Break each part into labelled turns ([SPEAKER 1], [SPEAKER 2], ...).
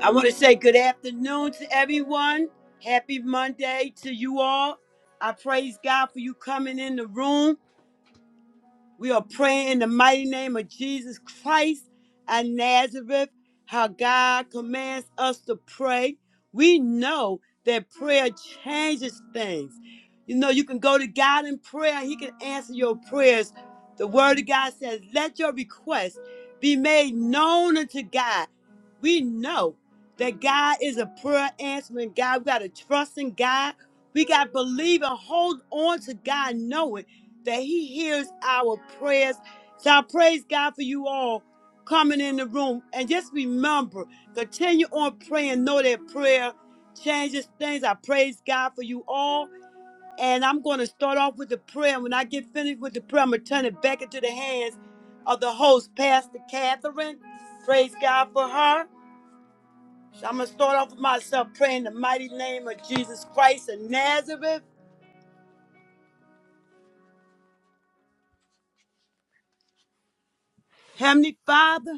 [SPEAKER 1] I want to say good afternoon to everyone. Happy Monday to you all. I praise God for you coming in the room. We are praying in the mighty name of Jesus Christ and Nazareth, how God commands us to pray. We know that prayer changes things. You know, you can go to God in prayer, and He can answer your prayers. The Word of God says, Let your requests be made known unto God. We know that God is a prayer answering God. We got to trust in God. We got to believe and hold on to God, knowing that he hears our prayers. So I praise God for you all coming in the room. And just remember, continue on praying. Know that prayer changes things. I praise God for you all. And I'm going to start off with the prayer. When I get finished with the prayer, I'm going to turn it back into the hands of the host, Pastor Catherine. Praise God for her. So I'm going to start off with myself praying in the mighty name of Jesus Christ of Nazareth. Heavenly Father,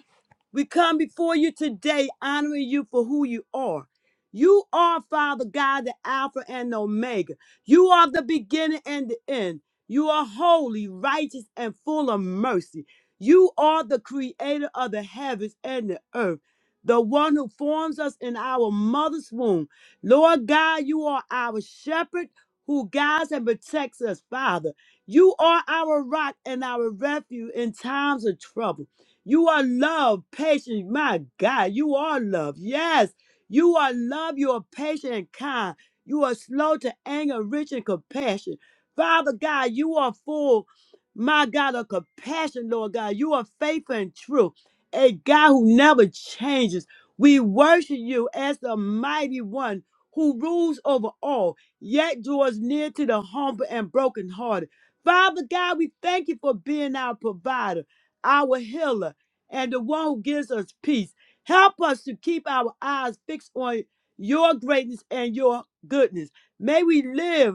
[SPEAKER 1] we come before you today honoring you for who you are. You are, Father God, the Alpha and the Omega. You are the beginning and the end. You are holy, righteous, and full of mercy. You are the creator of the heavens and the earth, the one who forms us in our mother's womb. Lord God, you are our shepherd who guides and protects us, Father. You are our rock and our refuge in times of trouble. You are love, patient. My God, you are love. Yes, you are love. You are patient and kind. You are slow to anger, rich in compassion. Father God, you are full, my God, of compassion, Lord God. You are faithful and true, a God who never changes. We worship you as the mighty one who rules over all, yet draws near to the humble and brokenhearted. Father God, we thank you for being our provider, our healer and the one who gives us peace. Help us to keep our eyes fixed on your greatness and your goodness. May we live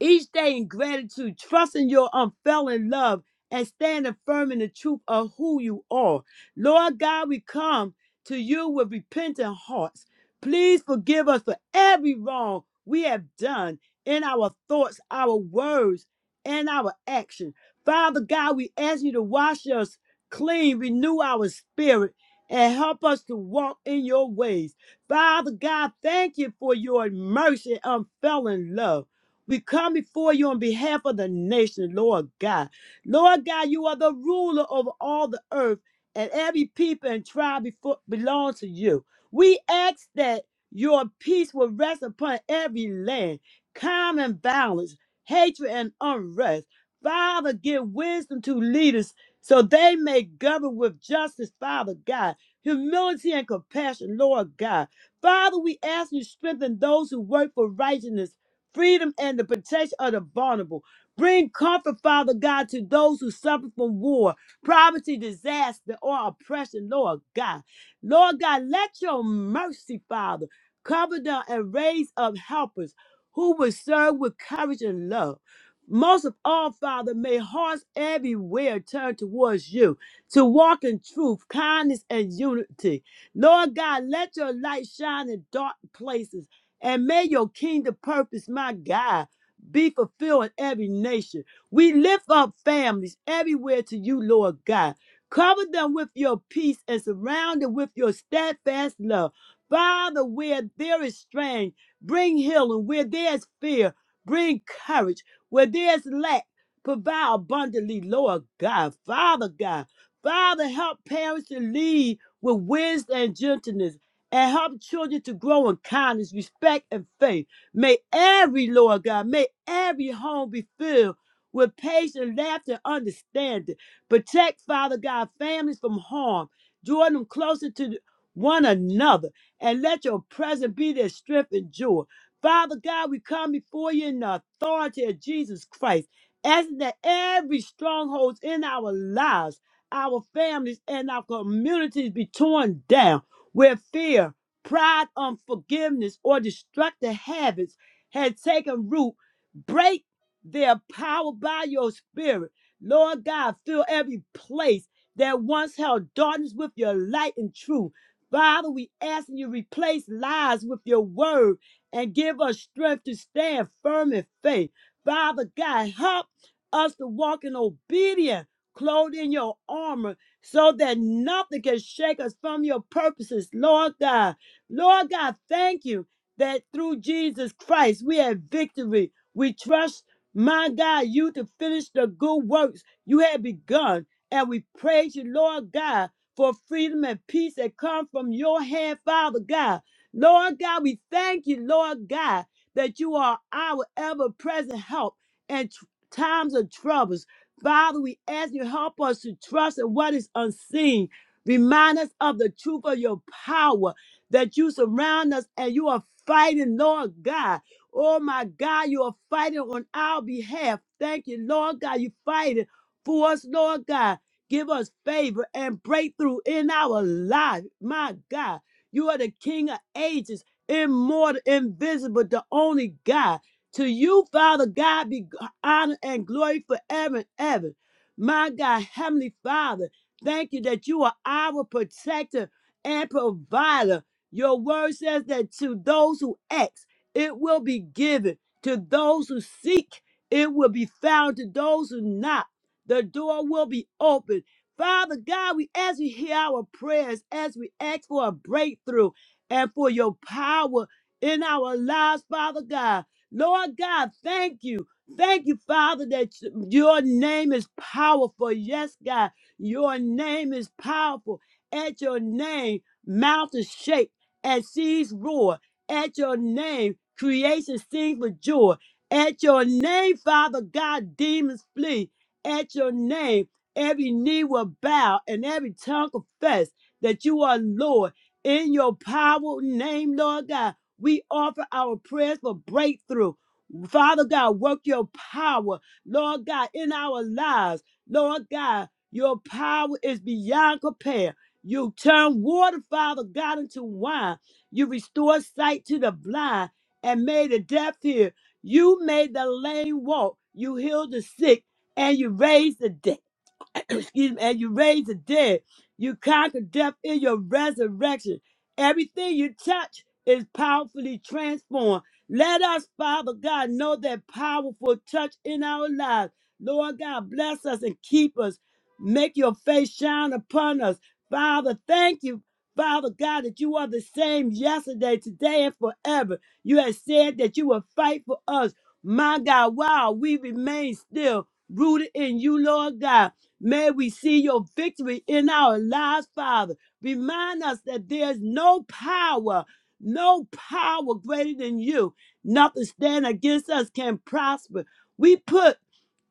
[SPEAKER 1] each day in gratitude, trusting your unfailing love and standing firm in the truth of who you are. Lord God, we come to you with repentant hearts. Please forgive us for every wrong we have done in our thoughts, our words, and our action. Father God, we ask you to wash us clean, renew our spirit, and help us to walk in your ways. Father God, thank you for your mercy and unfailing love. We come before you on behalf of the nation, Lord God. Lord God, you are the ruler over all the earth, and every people and tribe before, belongs to you. We ask that your peace will rest upon every land, calm and balance, hatred and unrest. Father, give wisdom to leaders so they may govern with justice, Father God, humility and compassion, Lord God. Father, we ask you strengthen those who work for righteousness freedom and the protection of the vulnerable. Bring comfort, Father God, to those who suffer from war, poverty, disaster, or oppression, Lord God. Lord God, let your mercy, Father, cover them and raise up helpers who will serve with courage and love. Most of all, Father, may hearts everywhere turn towards you to walk in truth, kindness, and unity. Lord God, let your light shine in dark places and may your kingdom purpose, my God, be fulfilled in every nation. We lift up families everywhere to you, Lord God. Cover them with your peace and surround them with your steadfast love. Father, where there is strain, bring healing. Where there is fear, bring courage. Where there is lack, provide abundantly, Lord God. Father God, Father, help parents to lead with wisdom and gentleness and help children to grow in kindness, respect, and faith. May every, Lord God, may every home be filled with patience, laughter, and understanding. Protect, Father God, families from harm. Draw them closer to one another, and let your presence be their strength and joy. Father God, we come before you in the authority of Jesus Christ, asking that every stronghold in our lives, our families, and our communities be torn down where fear, pride, unforgiveness, or destructive habits had taken root, break their power by your spirit. Lord God, fill every place that once held darkness with your light and truth. Father, we ask you replace lies with your word and give us strength to stand firm in faith. Father God, help us to walk in obedience, clothed in your armor so that nothing can shake us from your purposes, Lord God. Lord God, thank you that through Jesus Christ we have victory. We trust, my God, you to finish the good works you have begun. And we praise you, Lord God, for freedom and peace that come from your hand, Father God. Lord God, we thank you, Lord God, that you are our ever present help in tr- times of troubles. Father, we ask you help us to trust in what is unseen. Remind us of the truth of your power that you surround us and you are fighting, Lord God. Oh my God, you are fighting on our behalf. Thank you, Lord God. You fighting for us, Lord God. Give us favor and breakthrough in our life. My God, you are the King of ages, immortal, invisible, the only God. To you, Father God, be honor and glory forever and ever. My God, Heavenly Father, thank you that you are our protector and provider. Your word says that to those who ask, it will be given. To those who seek, it will be found. To those who knock, the door will be opened. Father God, we as we hear our prayers, as we ask for a breakthrough and for your power in our lives, Father God. Lord God, thank you. Thank you, Father, that your name is powerful. Yes, God, your name is powerful. At your name, mountains shake and seas roar. At your name, creation sings for joy. At your name, Father God, demons flee. At your name, every knee will bow and every tongue confess that you are Lord. In your power name, Lord God. We offer our prayers for breakthrough. Father God, work your power, Lord God, in our lives. Lord God, your power is beyond compare. You turn water, Father God, into wine. You restore sight to the blind and made the deaf hear. You made the lame walk. You healed the sick and you raised the dead excuse me, and you raised the dead. You conquered death in your resurrection. Everything you touch is powerfully transformed. Let us, Father God, know that powerful touch in our lives. Lord God, bless us and keep us. Make your face shine upon us. Father, thank you, Father God, that you are the same yesterday, today, and forever. You have said that you will fight for us. My God, wow, we remain still rooted in you, Lord God. May we see your victory in our lives, Father. Remind us that there's no power, no power greater than you. Nothing standing against us can prosper. We put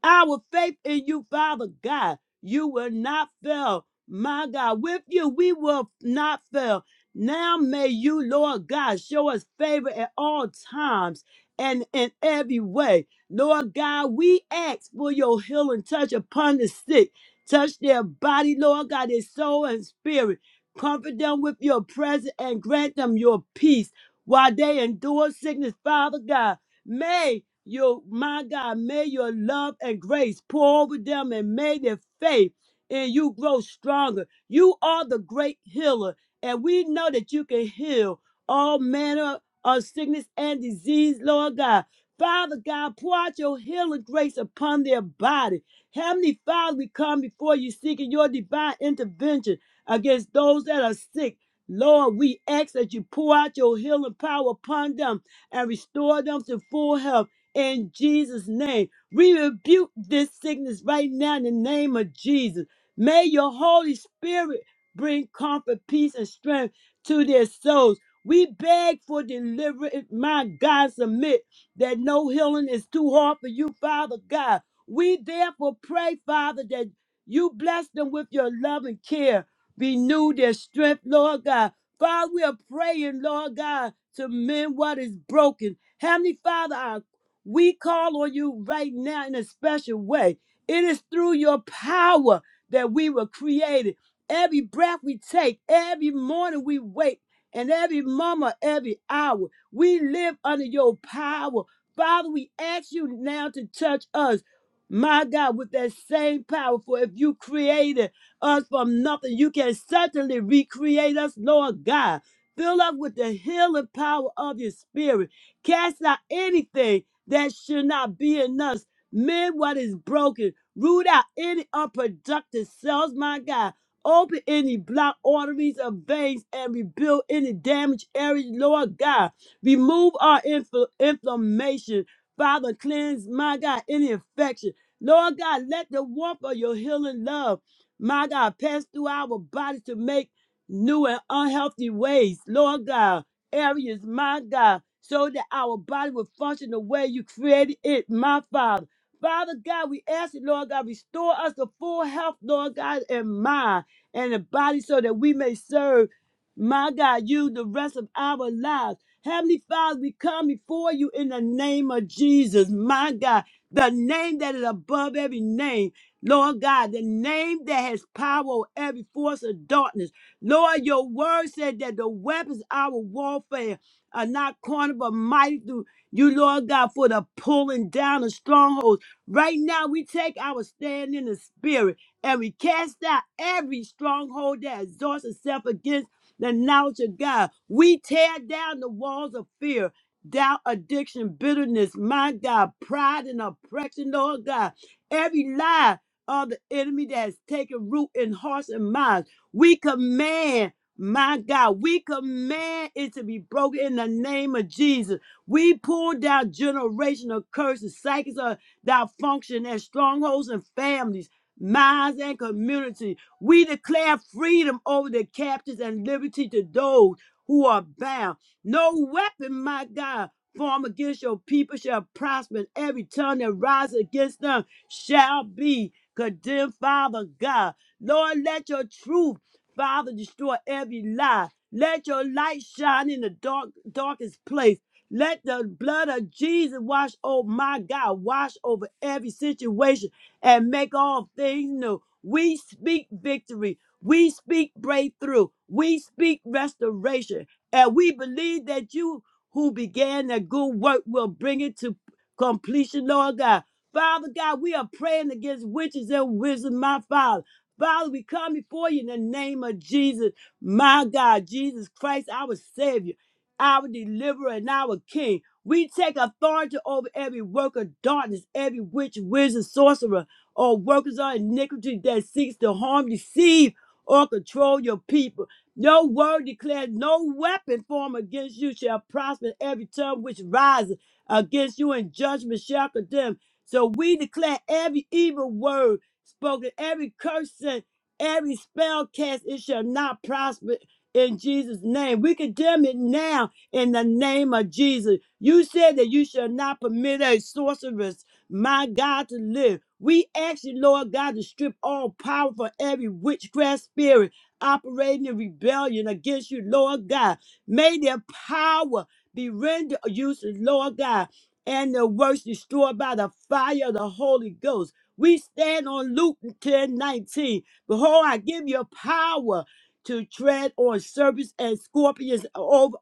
[SPEAKER 1] our faith in you, Father God, you will not fail. My God, with you, we will not fail. Now may you, Lord God, show us favor at all times and in every way. Lord God, we ask for your healing touch upon the sick. Touch their body, Lord God, their soul and spirit. Comfort them with your presence and grant them your peace while they endure sickness, Father God. May your my God, may your love and grace pour over them and may their faith in you grow stronger. You are the great healer, and we know that you can heal all manner of sickness and disease, Lord God. Father God, pour out your healing grace upon their body. Heavenly Father, we come before you seeking your divine intervention against those that are sick. Lord, we ask that you pour out your healing power upon them and restore them to full health in Jesus' name. We rebuke this sickness right now in the name of Jesus. May your Holy Spirit bring comfort, peace, and strength to their souls. We beg for deliverance, my God, submit that no healing is too hard for you, Father God. We therefore pray, Father, that you bless them with your love and care. Renew their strength, Lord God. Father, we are praying, Lord God, to mend what is broken. Heavenly Father, we call on you right now in a special way. It is through your power that we were created. Every breath we take, every morning we wake, and every moment, every hour, we live under your power. Father, we ask you now to touch us, my God, with that same power. For if you created us from nothing, you can certainly recreate us, Lord God. Fill us with the healing power of your spirit. Cast out anything that should not be in us. Mend what is broken. Root out any unproductive cells, my God. Open any blocked arteries or veins and rebuild any damaged areas, Lord God. Remove our infl- inflammation. Father, cleanse, my God, any infection. Lord God, let the warmth of your healing love, my God, pass through our bodies to make new and unhealthy ways, Lord God areas, my God, so that our body will function the way you created it, my Father. Father God, we ask you, Lord God, restore us to full health, Lord God, and mind and the body so that we may serve, my God, you the rest of our lives. Heavenly Father, we come before you in the name of Jesus, my God, the name that is above every name. Lord God, the name that has power over every force of darkness. Lord, your word said that the weapons of our warfare are not corner, but mighty through you, Lord God, for the pulling down of strongholds. Right now, we take our stand in the spirit and we cast out every stronghold that exhausts itself against the knowledge of God. We tear down the walls of fear, doubt, addiction, bitterness, my God, pride and oppression, Lord God. Every lie of the enemy that has taken root in hearts and minds. We command, my God, we command it to be broken in the name of Jesus. We pull down generational curses, cycles of dysfunction, and strongholds and families, minds and community. We declare freedom over the captives and liberty to those who are bound. No weapon, my God, formed against your people shall prosper, and every tongue that rises against them shall be condemned, Father God. Lord, let your truth Father, destroy every lie. Let your light shine in the dark, darkest place. Let the blood of Jesus wash, oh my God, wash over every situation and make all things new. We speak victory. We speak breakthrough. We speak restoration. And we believe that you who began that good work will bring it to completion, Lord God. Father God, we are praying against witches and wizards, my Father. Father, we come before you in the name of Jesus, my God, Jesus Christ, our Savior, our Deliverer, and our King. We take authority over every work of darkness, every witch, wizard, sorcerer, or workers of iniquity that seeks to harm, deceive, or control your people. Your word declares no weapon formed against you shall prosper. Every tongue which rises against you in judgment shall condemn. So we declare every evil word spoken, every curse and every spell cast, it shall not prosper in Jesus' name. We condemn it now in the name of Jesus. You said that you shall not permit a sorceress, my God, to live. We ask you, Lord God, to strip all power for every witchcraft spirit operating in rebellion against you, Lord God. May their power be rendered useless, Lord God, and their works destroyed by the fire of the Holy Ghost. We stand on Luke 10 19. Behold, I give you power to tread on serpents and scorpions over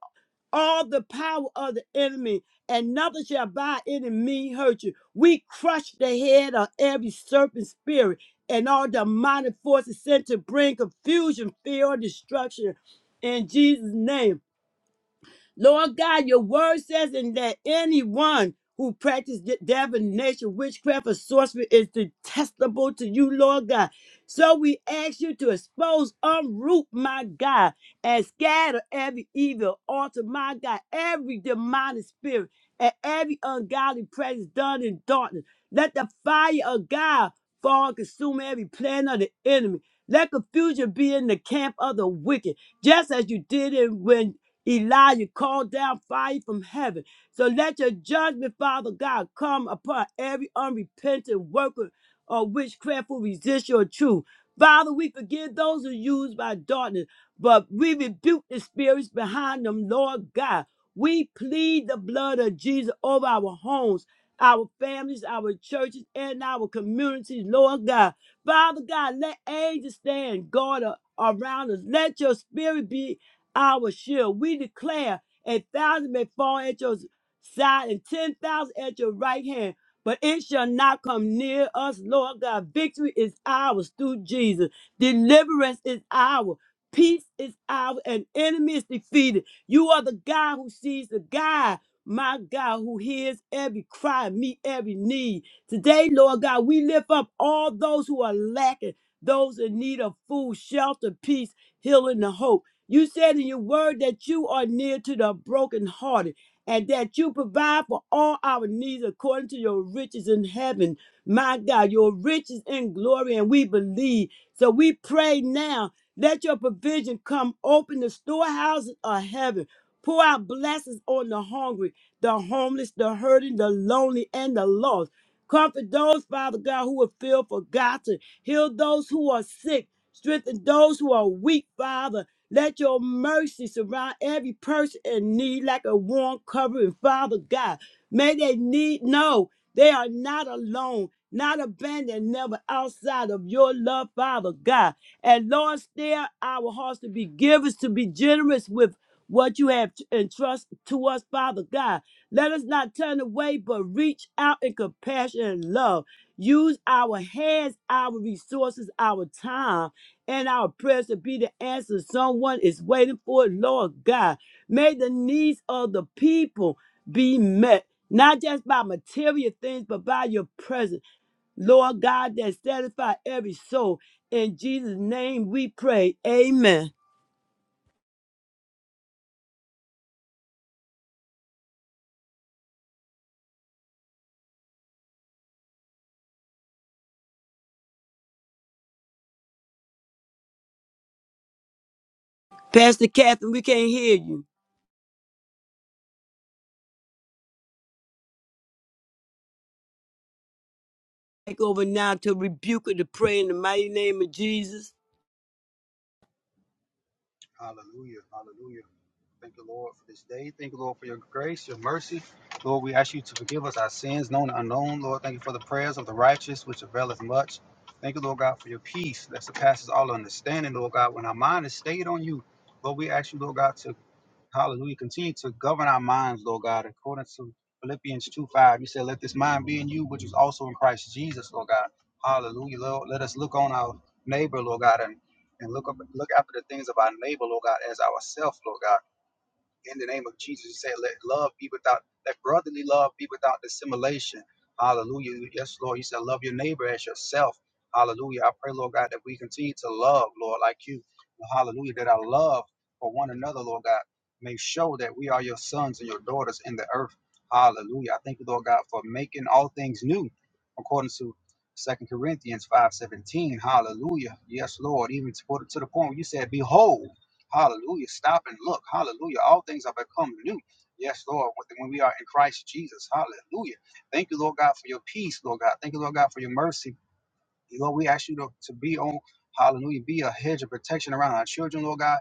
[SPEAKER 1] all the power of the enemy, and nothing shall by any means hurt you. We crush the head of every serpent spirit and all demonic forces sent to bring confusion, fear, or destruction in Jesus' name. Lord God, your word says in that anyone who practices de- divination, witchcraft, or sorcery is detestable to you, Lord God. So we ask you to expose, unroot, my God, and scatter every evil altar, my God, every demonic spirit, and every ungodly practice done in darkness. Let the fire of God fall and consume every plan of the enemy. Let confusion be in the camp of the wicked, just as you did it when Elijah called down fire from heaven. So let your judgment, Father God, come upon every unrepentant worker or witchcraft who resists your truth. Father, we forgive those who are used by darkness, but we rebuke the spirits behind them, Lord God. We plead the blood of Jesus over our homes, our families, our churches, and our communities, Lord God. Father God, let angels stand guard a- around us. Let your spirit be our shield. We declare a thousand may fall at your side and ten thousand at your right hand, but it shall not come near us, Lord God. Victory is ours through Jesus. Deliverance is ours. Peace is ours, and enemy is defeated. You are the God who sees the God, my God, who hears every cry, meet every need. Today, Lord God, we lift up all those who are lacking, those in need of food, shelter, peace, healing, and hope. You said in your word that you are near to the brokenhearted and that you provide for all our needs according to your riches in heaven. My God, your riches in glory, and we believe. So we pray now, let your provision come open the storehouses of heaven. Pour out blessings on the hungry, the homeless, the hurting, the lonely, and the lost. Comfort those, Father God, who are feel forgotten. Heal those who are sick. Strengthen those who are weak, Father let your mercy surround every person in need like a warm covering, Father God. May they need know they are not alone, not abandoned, never outside of your love, Father God. And Lord, stir our hearts to be givers, to be generous with what you have entrusted to us, Father God. Let us not turn away, but reach out in compassion and love. Use our hands, our resources, our time and our prayers to be the answer someone is waiting for. Lord God, may the needs of the people be met, not just by material things, but by your presence. Lord God, that satisfy every soul. In Jesus' name we pray. Amen. Pastor Catherine, we can't hear you. Take over now to rebuke her to pray in the mighty name of Jesus.
[SPEAKER 2] Hallelujah. Hallelujah. Thank you, Lord, for this day. Thank you, Lord, for your grace, your mercy. Lord, we ask you to forgive us our sins, known and unknown. Lord, thank you for the prayers of the righteous, which availeth much. Thank you, Lord God, for your peace that surpasses all understanding, Lord God. When our mind is stayed on you, Lord, we ask you, Lord God, to Hallelujah. Continue to govern our minds, Lord God, according to Philippians 2 5. You said, Let this mind be in you, which is also in Christ Jesus, Lord God. Hallelujah. Lord, let us look on our neighbor, Lord God, and, and look up look after the things of our neighbor, Lord God, as ourselves, Lord God in the name of Jesus. You said, let love be without, let brotherly love be without dissimulation. Hallelujah. Yes, Lord. You said, love your neighbor as yourself. Hallelujah. I pray, Lord God, that we continue to love, Lord, like you. Well, Hallelujah. That our love for one another, Lord God, may show that we are your sons and your daughters in the earth. Hallelujah. I thank you, Lord God, for making all things new according to Second Corinthians 5.17. Hallelujah. Yes, Lord. Even to, to the point where you said, behold. Hallelujah. Stop and look. Hallelujah. All things are become new. Yes, Lord, when when we are in Christ Jesus. Hallelujah. Thank you, Lord God, for your peace, Lord God. Thank you, Lord God, for your mercy, Lord, we ask you to, to be on, hallelujah, be a hedge of protection around our children, Lord God,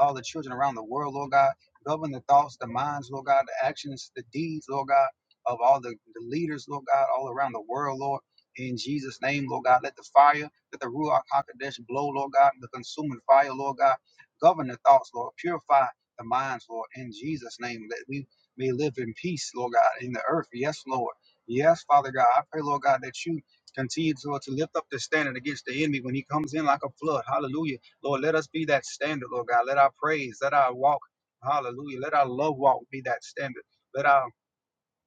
[SPEAKER 2] all the children around the world, Lord God. Govern the thoughts, the minds, Lord God, the actions, the deeds, Lord God, of all the, the leaders, Lord God, all around the world, Lord. In Jesus' name, Lord God, let the fire, let the Ruach HaKodesh blow, Lord God, the consuming fire, Lord God. Govern the thoughts, Lord. Purify the minds, Lord. In Jesus' name, that we may live in peace, Lord God, in the earth. Yes, Lord. Yes, Father God. I pray, Lord God, that you Continue, Lord, to lift up the standard against the enemy when he comes in like a flood. Hallelujah. Lord, let us be that standard, Lord God. Let our praise, let our walk, hallelujah. Let our love walk be that standard. Let our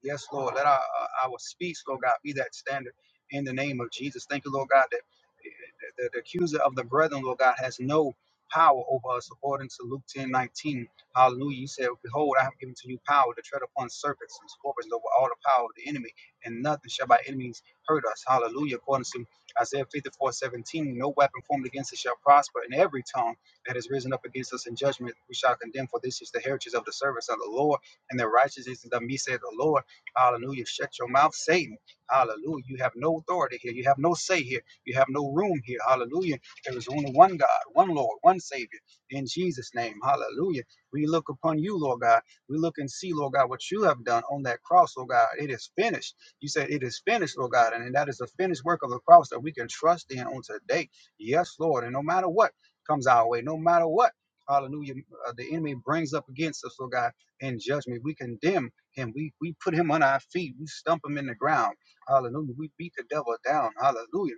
[SPEAKER 2] Yes, Lord. Let our, our our speech, Lord God, be that standard in the name of Jesus. Thank you, Lord God, that the, the the accuser of the brethren, Lord God, has no power over us according to Luke ten nineteen. Hallelujah. You said, Behold, I have given to you power to tread upon serpents and scorpions over all the power of the enemy, and nothing shall by enemies hurt us. Hallelujah. According to Isaiah fifty four seventeen, no weapon formed against us shall prosper, and every tongue that is risen up against us in judgment we shall condemn, for this is the heritage of the servants of the Lord and their righteousness is of me, said the Lord. Hallelujah. Shut your mouth, Satan. Hallelujah. You have no authority here. You have no say here. You have no room here. Hallelujah. There is only one God, one Lord, one Savior. In Jesus' name. Hallelujah. We look upon you, Lord God. We look and see, Lord God, what you have done on that cross, Lord God. It is finished. You said it is finished, Lord God. And that is the finished work of the cross that we can trust in on today. Yes, Lord. And no matter what comes our way, no matter what, hallelujah, uh, the enemy brings up against us, Lord God, in judgment, we condemn. And we, we put him on our feet. We stump him in the ground. Hallelujah. We beat the devil down. Hallelujah.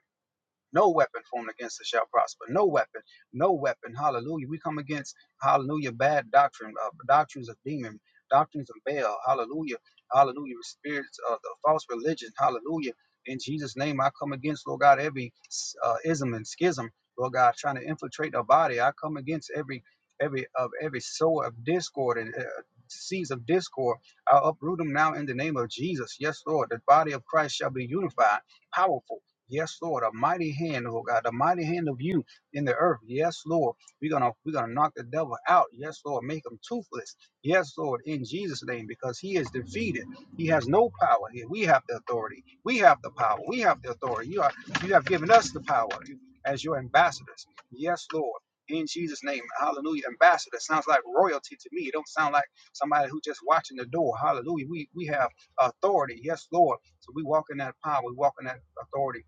[SPEAKER 2] No weapon formed against us shall prosper. No weapon. No weapon. Hallelujah. We come against, hallelujah, bad doctrine, uh, doctrines of demon, doctrines of Baal. Hallelujah. Hallelujah. Spirits of the false religion. Hallelujah. In Jesus' name, I come against, Lord God, every uh, ism and schism, Lord God, trying to infiltrate our body. I come against every every of every sower of discord and uh, seeds of discord. I uproot them now in the name of Jesus. Yes, Lord. The body of Christ shall be unified, powerful. Yes, Lord, a mighty hand, oh God, a mighty hand of you in the earth. Yes, Lord. We're gonna we're gonna knock the devil out. Yes, Lord, make him toothless. Yes, Lord, in Jesus' name, because he is defeated. He has no power here. We have the authority. We have the power. We have the authority. You are you have given us the power as your ambassadors. Yes, Lord. In Jesus' name, hallelujah. Ambassador sounds like royalty to me. It don't sound like somebody who just watching the door. Hallelujah. We we have authority. Yes, Lord. So we walk in that power. We walk in that authority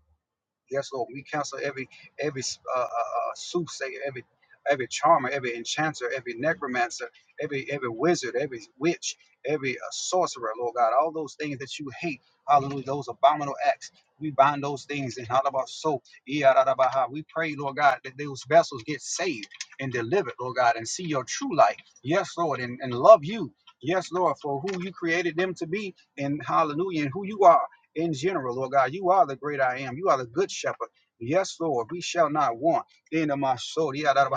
[SPEAKER 2] Yes, Lord. We cancel every every uh, uh, uh, soothsayer, every every charmer, every enchanter, every necromancer, every every wizard, every witch, every uh, sorcerer, Lord God. All those things that you hate, hallelujah, those abominable acts. We bind those things in all of our soul. Yadadabaha. We pray, Lord God, that those vessels get saved and delivered, Lord God, and see your true light. Yes, Lord, and, and love you. Yes, Lord, for who you created them to be, and hallelujah, and who you are in general, Lord God. You are the great I am. You are the good shepherd. Yes, Lord, we shall not want in my soul. yeah, da, da,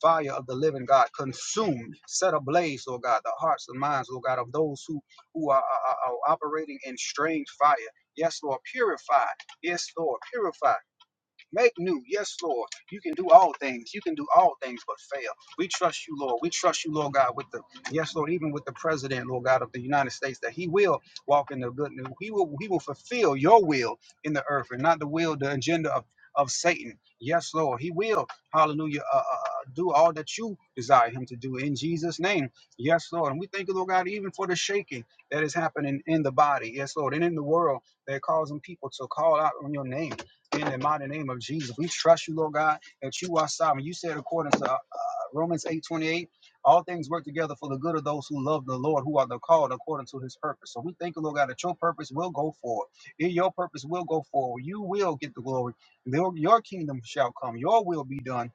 [SPEAKER 2] Fire of the living God, consume, set ablaze, Lord God, the hearts and minds, Lord God, of those who, who are, are, are operating in strange fire. Yes, Lord, purify. Yes, Lord, purify. Make new. Yes, Lord. You can do all things. You can do all things but fail. We trust you, Lord. We trust you, Lord God, with the yes, Lord, even with the president, Lord God, of the United States, that he will walk in the good news. He will he will fulfill your will in the earth and not the will, the agenda of, of Satan. Yes, Lord. He will, hallelujah, uh, uh, uh, do all that you desire him to do in Jesus' name. Yes, Lord. And we thank you, Lord God, even for the shaking that is happening in the body. Yes, Lord, and in the world. They're causing people to call out on your name in the mighty name of Jesus. We trust you, Lord God, that you are sovereign. You said, according to uh, Romans eight twenty eight, all things work together for the good of those who love the Lord, who are the called according to his purpose. So we thank you, Lord God, that your purpose will go forward. In Your purpose will go forward. You will get the glory. Your your kingdom shall come. Your will be done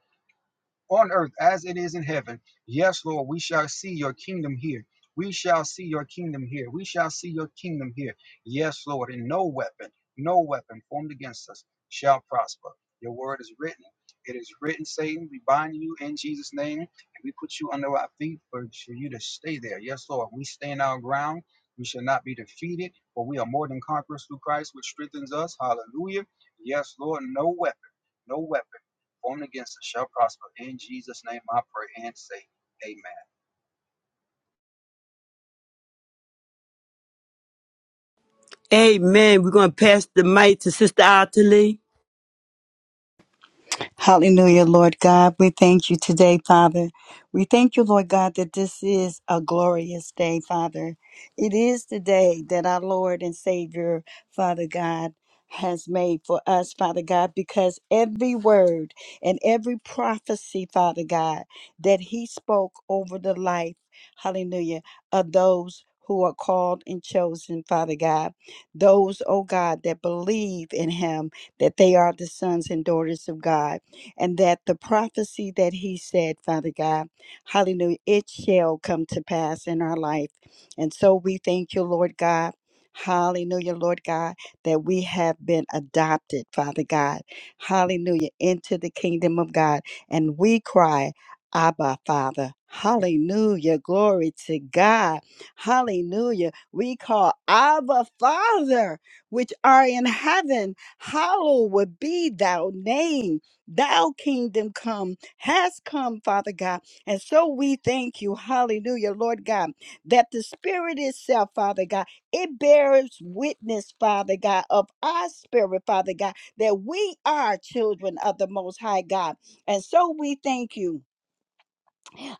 [SPEAKER 2] on earth as it is in heaven. Yes, Lord, we shall see your kingdom here. We shall see your kingdom here. We shall see your kingdom here. Yes, Lord, and no weapon, no weapon formed against us shall prosper. Your word is written. It is written, Satan, we bind you in Jesus' name, and we put you under our feet for, you to stay there. Yes, Lord, we stand our ground. We shall not be defeated, for we are more than conquerors through Christ, which strengthens us. Hallelujah. Yes, Lord, no weapon, no weapon. Born against us shall prosper. In Jesus' name I pray and say, Amen.
[SPEAKER 1] Amen. We're going to pass the mic to Sister Ottilie.
[SPEAKER 3] Hallelujah, Lord God. We thank you today, Father. We thank you, Lord God, that this is a glorious day, Father. It is the day that our Lord and Savior, Father God, has made for us, Father God, because every word and every prophecy, Father God, that He spoke over the life, hallelujah, of those who are called and chosen, Father God, those, oh God, that believe in Him, that they are the sons and daughters of God and that the prophecy that he said, Father God, hallelujah, it shall come to pass in our life. And so we thank you, Lord God. Hallelujah, Lord God, that we have been adopted, Father God. Hallelujah, into the kingdom of God. And we cry, Abba, Father. Hallelujah. Glory to God. Hallelujah. We call Abba, Father, which are in heaven. Hallowed be thy name. Thou kingdom come has come, Father God. And so we thank you, hallelujah, Lord God, that the Spirit itself, Father God, it bears witness, Father God, of our spirit, Father God, that we are children of the Most High God. And so we thank you.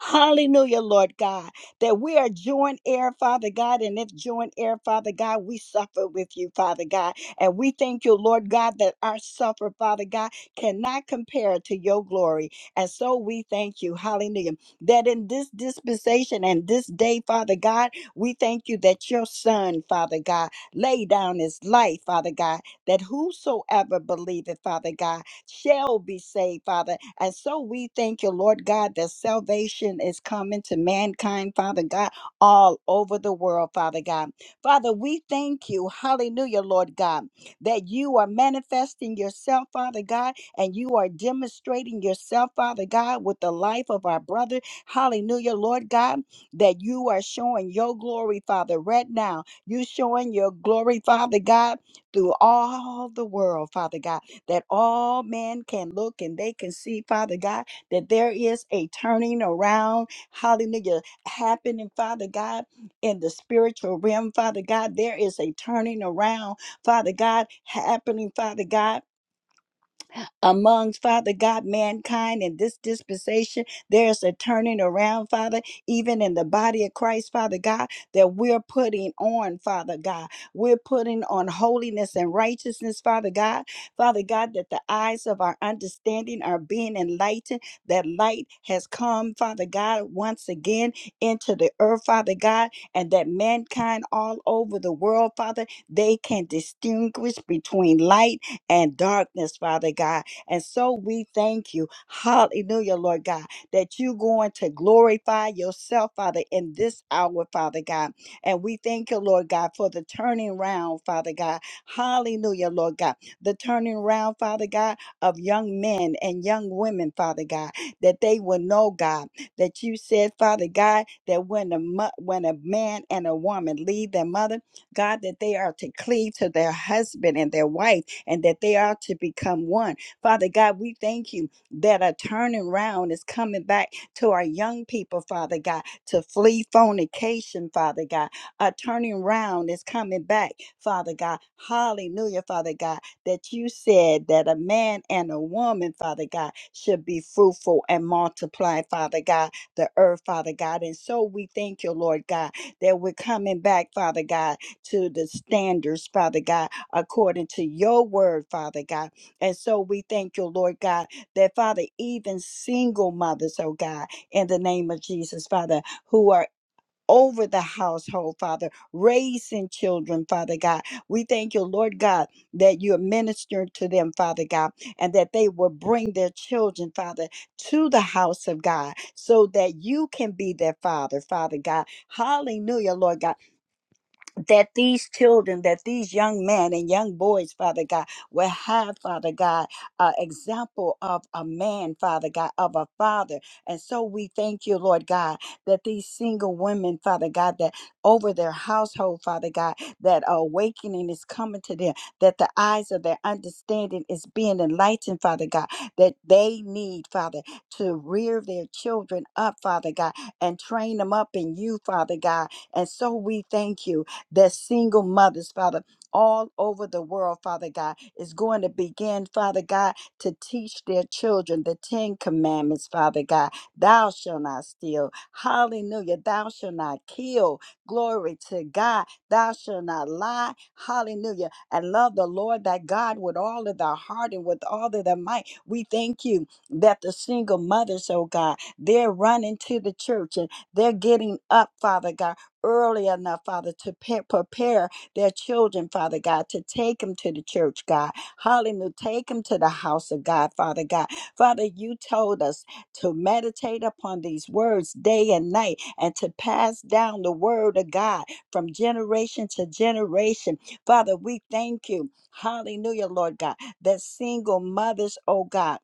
[SPEAKER 3] Hallelujah, Lord God, that we are joint heir, Father God. And if joint heir, Father God, we suffer with you, Father God. And we thank you, Lord God, that our suffer, Father God, cannot compare to your glory. And so we thank you, hallelujah, that in this dispensation and this day, Father God, we thank you that your son, Father God, lay down his life, Father God, that whosoever believeth, Father God, shall be saved, Father. And so we thank you, Lord God, that salvation is coming to mankind, Father God, all over the world, Father God. Father, we thank you, hallelujah, Lord God, that you are manifesting yourself, Father God, and you are demonstrating yourself, Father God, with the life of our brother, hallelujah, Lord God, that you are showing your glory, Father, right now. You showing your glory, Father God, through all the world, Father God that all men can look and they can see, Father God, that there is a turning around, hallelujah, happening, Father God, in the spiritual realm, Father God. There is a turning around, Father God, happening, Father God amongst Father God, mankind in this dispensation. There's a turning around, Father, even in the body of Christ, Father God, that we're putting on, Father God. We're putting on holiness and righteousness, Father God. Father God, that the eyes of our understanding are being enlightened, that light has come, Father God, once again into the earth, Father God, and that mankind all over the world, Father, they can distinguish between light and darkness, Father God. And so we thank you. Hallelujah, Lord God, that you're going to glorify yourself, Father, in this hour, Father God. And we thank you, Lord God, for the turning round, Father God. Hallelujah, Lord God. The turning round, Father God, of young men and young women, Father God, that they will know, God, that you said, Father God, that when a, mo- when a man and a woman leave their mother, God, that they are to cleave to their husband and their wife and that they are to become one Father God, we thank you that a turning round is coming back to our young people, Father God, to flee fornication, Father God. A turning round is coming back, Father God. Hallelujah, Father God, that you said that a man and a woman, Father God, should be fruitful and multiply, Father God, the earth, Father God. And so we thank you, Lord God, that we're coming back, Father God, to the standards, Father God, according to your word, Father God and so we thank you, Lord God, that Father, even single mothers, oh God, in the name of Jesus, Father, who are over the household, Father, raising children, Father God. We thank you, Lord God, that you're ministering to them, Father God, and that they will bring their children, Father, to the house of God so that you can be their Father, Father God. Hallelujah, Lord God that these children, that these young men and young boys, Father God, will have, Father God, an example of a man, Father God, of a father. And so we thank you, Lord God, that these single women, Father God, that over their household, Father God, that awakening is coming to them, that the eyes of their understanding is being enlightened, Father God, that they need, Father, to rear their children up, Father God, and train them up in you, Father God. And so we thank you that single mothers, Father, all over the world, Father God, is going to begin, Father God, to teach their children the Ten Commandments, Father God. Thou shalt not steal. Hallelujah. Thou shalt not kill. Glory to God. Thou shalt not lie. Hallelujah. And love the Lord thy God with all of thy heart and with all of thy might. We thank you that the single mothers, oh God, they're running to the church and they're getting up, Father God early enough, Father, to pe- prepare their children, Father God, to take them to the church, God. Hallelujah. Take them to the house of God, Father God. Father, you told us to meditate upon these words day and night and to pass down the word of God from generation to generation. Father, we thank you. Hallelujah, Lord God, that single mothers, oh God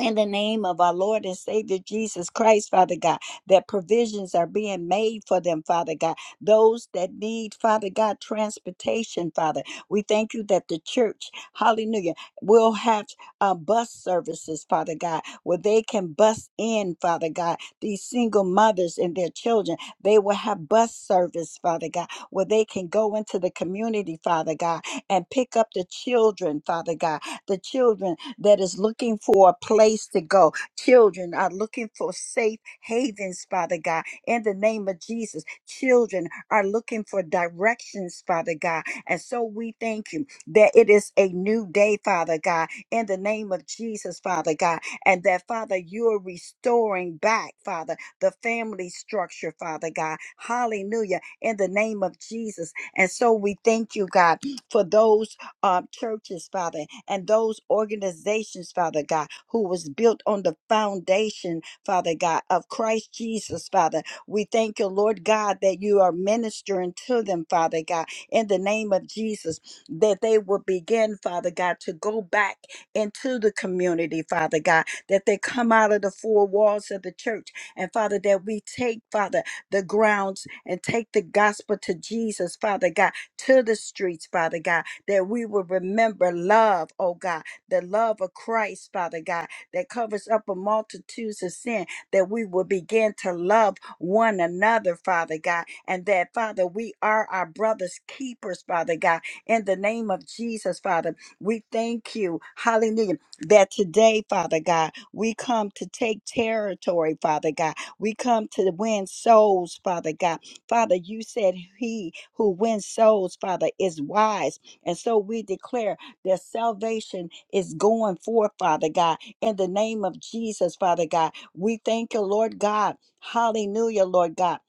[SPEAKER 3] in the name of our Lord and Savior Jesus Christ, Father God, that provisions are being made for them, Father God. Those that need, Father God, transportation, Father. We thank you that the church, hallelujah, will have uh, bus services, Father God, where they can bus in, Father God, these single mothers and their children. They will have bus service, Father God, where they can go into the community, Father God, and pick up the children, Father God, the children that is looking for a place to go. Children are looking for safe havens, Father God, in the name of Jesus. Children are looking for directions, Father God. And so we thank you that it is a new day, Father God, in the name of Jesus, Father God. And that, Father, you are restoring back, Father, the family structure, Father God. Hallelujah, in the name of Jesus. And so we thank you, God, for those uh, churches, Father, and those organizations, Father God, who was built on the foundation, Father God, of Christ Jesus, Father. We thank you, Lord God, that you are ministering to them, Father God, in the name of Jesus, that they will begin, Father God, to go back into the community, Father God, that they come out of the four walls of the church. And Father, that we take, Father, the grounds and take the gospel to Jesus, Father God, to the streets, Father God that we will remember love, oh God, the love of Christ, Father God, that covers up a multitudes of sin, that we will begin to love one another, Father God, and that, Father, we are our brother's keepers, Father God, in the name of Jesus, Father. We thank you, hallelujah, that today, Father God, we come to take territory, Father God. We come to win souls, Father God. Father, you said he who wins souls, Father, is wise. And so we declare that salvation is going forth, Father God, in the name of Jesus, Father God. We thank you, Lord God. Hallelujah, Lord God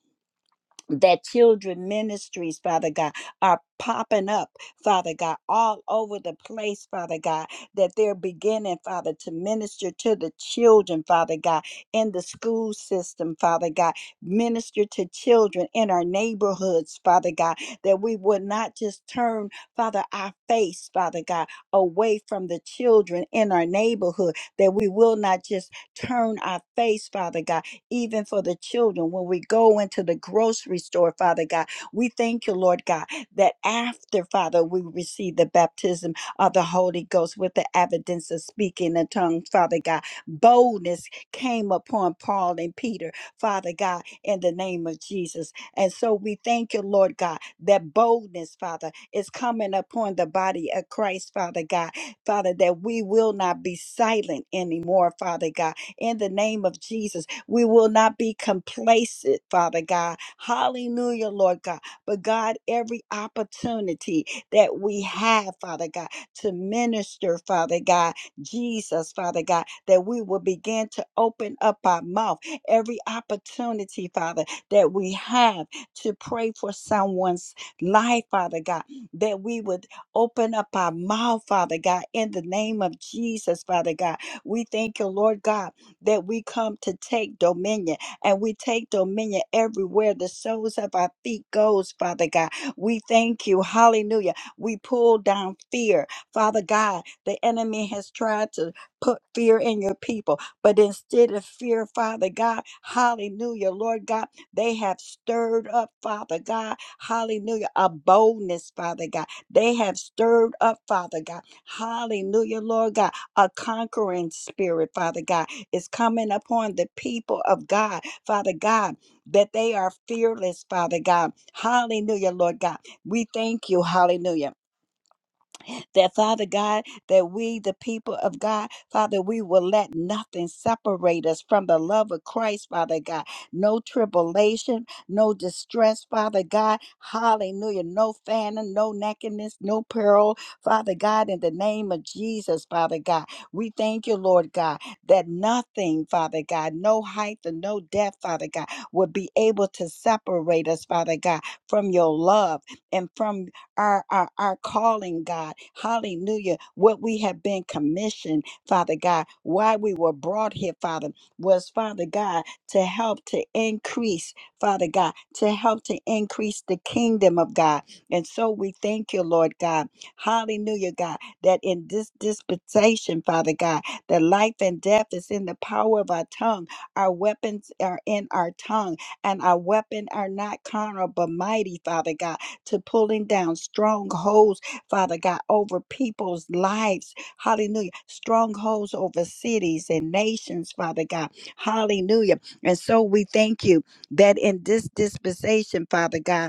[SPEAKER 3] that children ministries, Father God, are popping up, Father God, all over the place, Father God, that they're beginning, Father, to minister to the children, Father God, in the school system, Father God, minister to children in our neighborhoods, Father God, that we would not just turn, Father, our face, Father God, away from the children in our neighborhood, that we will not just turn our face, Father God even for the children. When we go into the grocery store, Father God, we thank you, Lord God, that after, Father, we receive the baptism of the Holy Ghost with the evidence of speaking in tongues, Father God, boldness came upon Paul and Peter, Father God, in the name of Jesus. And so we thank you, Lord God, that boldness, Father, is coming upon the body of Christ, Father God. Father, that we will not be silent anymore, Father God, in the name of Jesus. We will not be complacent, Father God. Hallelujah, Lord God. But God, every opportunity that we have, Father God, to minister, Father God, Jesus, Father God, that we will begin to open up our mouth. Every opportunity, Father, that we have to pray for someone's life, Father God, that we would open up our mouth, Father God, in the name of Jesus, Father God. We thank you, Lord God that we come to take dominion and we take dominion everywhere the soles of our feet goes father god we thank you hallelujah we pull down fear father god the enemy has tried to put fear in your people but instead of fear father god hallelujah lord god they have stirred up father god hallelujah a boldness father god they have stirred up father god hallelujah lord god a conquering spirit father god is coming upon the people of God, Father God, that they are fearless, Father God. Hallelujah, Lord God. We thank you, hallelujah. That, Father God, that we, the people of God, Father, we will let nothing separate us from the love of Christ, Father God. No tribulation, no distress, Father God. Hallelujah. No famine, no nakedness, no peril, Father God, in the name of Jesus, Father God. We thank you, Lord God, that nothing, Father God, no height and no depth, Father God, would be able to separate us, Father God, from your love and from our, our, our calling, God. Hallelujah. What we have been commissioned, Father God, why we were brought here, Father, was, Father God, to help to increase, Father God, to help to increase the kingdom of God. And so we thank you, Lord God. Hallelujah, God, that in this dispensation, Father God, that life and death is in the power of our tongue. Our weapons are in our tongue, and our weapon are not carnal, but mighty, Father God to pulling down strongholds, Father God, over people's lives. Hallelujah. Strongholds over cities and nations, Father God. Hallelujah. And so we thank you that in this dispensation, Father God,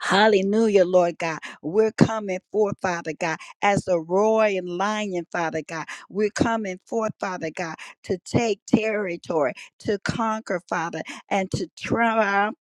[SPEAKER 3] Hallelujah, Lord God. We're coming forth, Father God, as a roaring lion, Father God. We're coming forth, Father God, to take territory, to conquer, Father, and to triumph,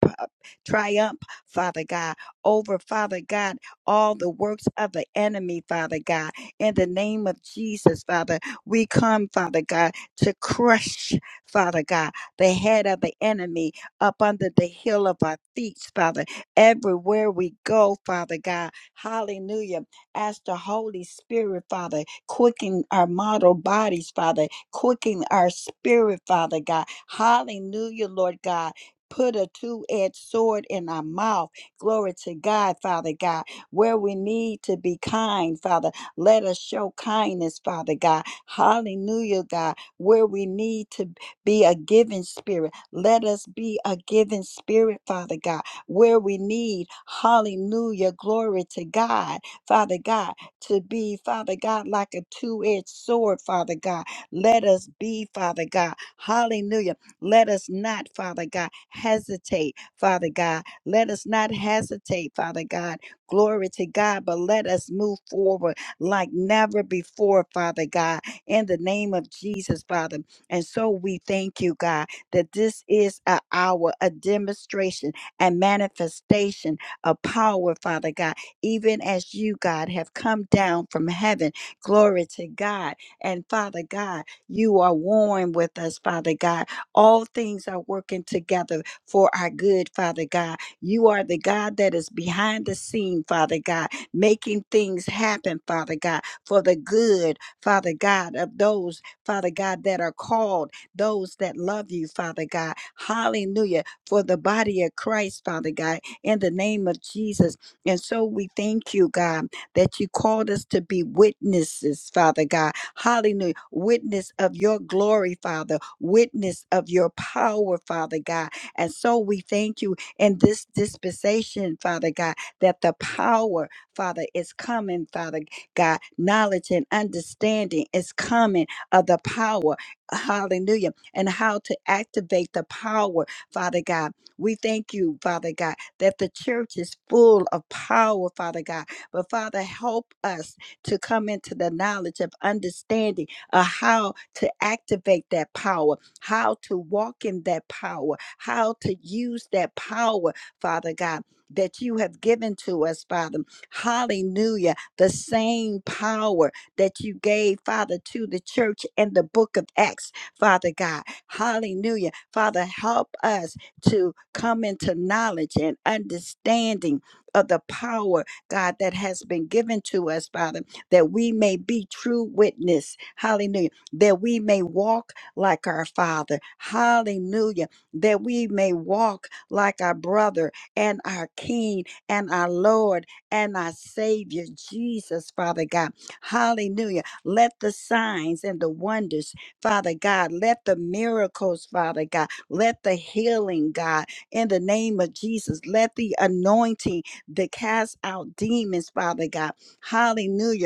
[SPEAKER 3] triumph, Father God, over, Father God, all the works of the enemy, Father God. In the name of Jesus, Father, we come, Father God, to crush, Father God, the head of the enemy up under the heel of our feet, Father everywhere we go, Father God. Hallelujah. Ask the Holy Spirit, Father, quicken our mortal bodies, Father, quicken our spirit, Father God. Hallelujah, Lord God. Put a two edged sword in our mouth. Glory to God, Father God. Where we need to be kind, Father, let us show kindness, Father God. Hallelujah, God. Where we need to be a giving spirit, let us be a giving spirit, Father God where we need, hallelujah, glory to God, Father God, to be, Father God, like a two edged sword, Father God. Let us be, Father God, hallelujah. Let us not, Father God, hesitate, Father God. Let us not hesitate, Father God. Glory to God, but let us move forward like never before, Father God, in the name of Jesus, Father. And so we thank you, God, that this is a hour, a demonstration and manifestation of power, Father God, even as you, God, have come down from heaven. Glory to God. And Father God, you are warm with us, Father God. All things are working together for our good, Father God. You are the God that is behind the scene, Father God, making things happen, Father God, for the good, Father God, of those, Father God, that are called, those that love you, Father God. Hallelujah for the body of Christ, Father God, in the name of Jesus. And so we thank you, God, that you called us to be witnesses, Father God. Hallelujah. Witness of your glory, Father. Witness of your power, Father God. And so we thank you in this dispensation, Father God, that the power, Father, is coming, Father God. Knowledge and understanding is coming of the power. Hallelujah. And how to activate the power Father God. We thank you, Father God, that the church is full of power, Father God. But Father, help us to come into the knowledge of understanding of how to activate that power, how to walk in that power, how to use that power, Father God. That you have given to us, Father. Hallelujah. The same power that you gave, Father, to the church in the book of Acts. Father God. Hallelujah. Father, help us to come into knowledge and understanding of the power, God, that has been given to us, Father, that we may be true witness. Hallelujah. That we may walk like our Father. Hallelujah. That we may walk like our brother and our King and our Lord and our Savior, Jesus, Father God. Hallelujah. Let the signs and the wonders Father God. Let the miracles, Father God, let the healing, God, in the name of Jesus, let the anointing that cast out demons, Father God. Hallelujah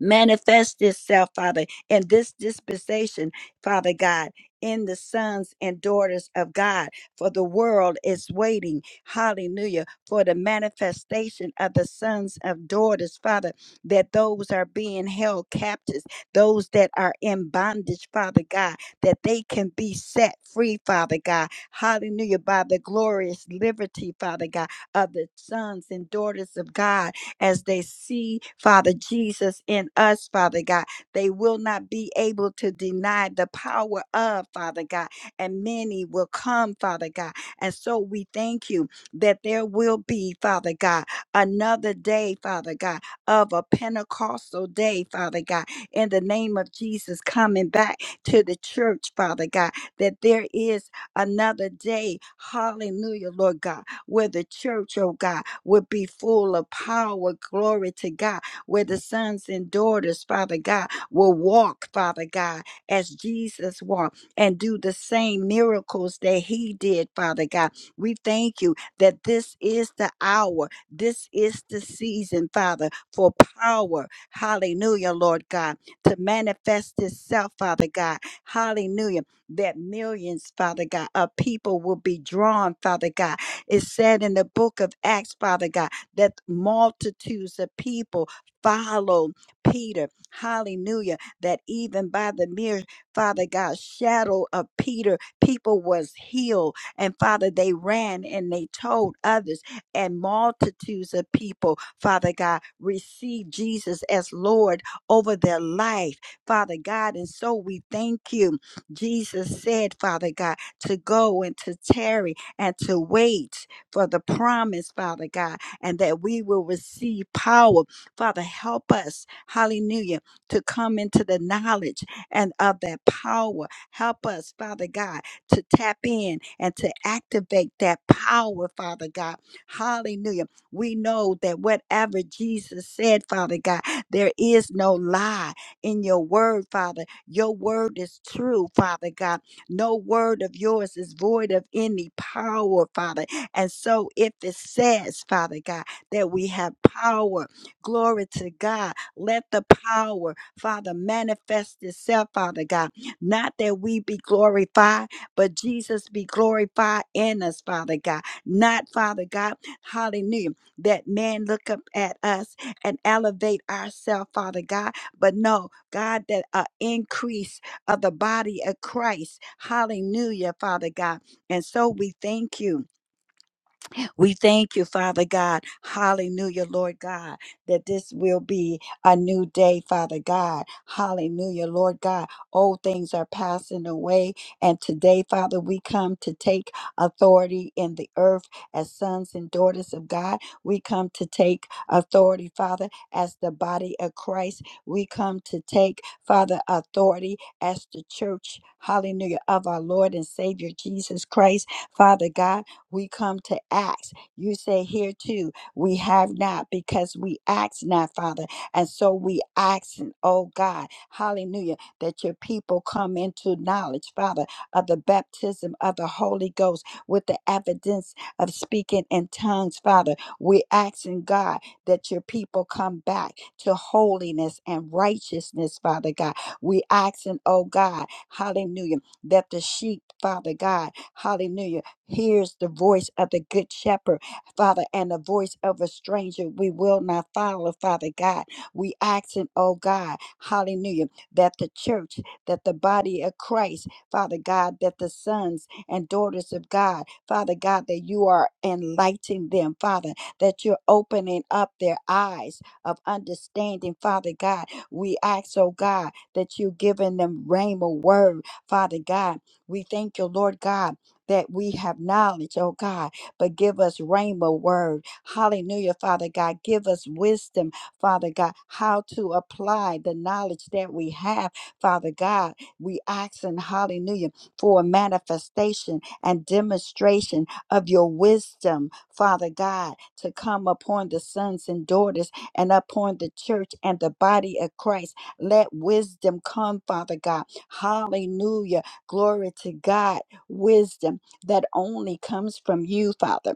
[SPEAKER 3] manifest itself, Father, in this dispensation, Father God, in the sons and daughters of God. For the world is waiting, hallelujah, for the manifestation of the sons of daughters, Father, that those are being held captives, those that are in bondage, Father God, that they can be set free, Father God. Hallelujah, by the glorious liberty, Father God, of the sons and daughters of God as they see, Father Jesus, in us, Father God. They will not be able to deny the power of, Father God, and many will come, Father God. And so we thank you that there will be, Father God, another day, Father God, of a Pentecostal day, Father God, in the name of Jesus, coming back to the church, Father God, that there is another day. Hallelujah, Lord God where the church, oh God, would be full of power. Glory to God, where the sons and daughters, Father God, will walk, Father God, as Jesus walked and do the same miracles that he did, Father God. We thank you that this is the hour, this is the season, Father, for power. Hallelujah, Lord God, to manifest itself, Father God. Hallelujah. That millions, Father God, of people will be drawn, Father God it said in the book of Acts, Father God, that multitudes of people follow Peter. Hallelujah. That even by the mere, Father God, shadow of Peter, people was healed. And Father, they ran and they told others and multitudes of people, Father God, received Jesus as Lord over their life, Father God. And so we thank you. Jesus said, Father God, to go and to tarry and to wait for the promise, Father God, and that we will receive power. Father, help us, hallelujah, to come into the knowledge and of that power. Help us, Father God, to tap in and to activate that power, Father God. Hallelujah. We know that whatever Jesus said, Father God, there is no lie in your word, Father. Your word is true, Father God no word of yours is void of any power, Father. And so if it says, Father God, that we have power, glory to God, let the power, Father, manifest itself, Father God. Not that we be glorified, but Jesus be glorified in us, Father God. Not, Father God, hallelujah, that man look up at us and elevate ourselves, Father God. But no, God, that uh, increase of the body of Christ. Hallelujah, Father God. And so we thank you. We thank you, Father God. Hallelujah, Lord God, that this will be a new day, Father God. Hallelujah, Lord God. Old things are passing away. And today, Father, we come to take authority in the earth as sons and daughters of God. We come to take authority, Father, as the body of Christ. We come to take, Father, authority as the church. Hallelujah, of our Lord and Savior Jesus Christ. Father God, we come to ask. You say here too, we have not because we ask not, Father. And so we ask, oh God, hallelujah, that your people come into knowledge, Father, of the baptism of the Holy Ghost with the evidence of speaking in tongues, Father. We're asking, God, that your people come back to holiness and righteousness, Father God. We asking, oh God, hallelujah, that the sheep, Father God, hallelujah hears the voice of the good shepherd, Father, and the voice of a stranger we will not follow, Father God. We asking, oh God, hallelujah, that the church, that the body of Christ, Father God, that the sons and daughters of God, Father God, that you are enlightening them, Father, that you're opening up their eyes of understanding, Father God. We ask, oh God, that you're giving them rhema word, Father God. We thank you, Lord God that we have knowledge, oh God, but give us rhema word. Hallelujah, Father God. Give us wisdom, Father God, how to apply the knowledge that we have, Father God. We ask and hallelujah for a manifestation and demonstration of your wisdom, Father God, to come upon the sons and daughters and upon the church and the body of Christ. Let wisdom come, Father God. Hallelujah. Glory to God. Wisdom that only comes from you, Father.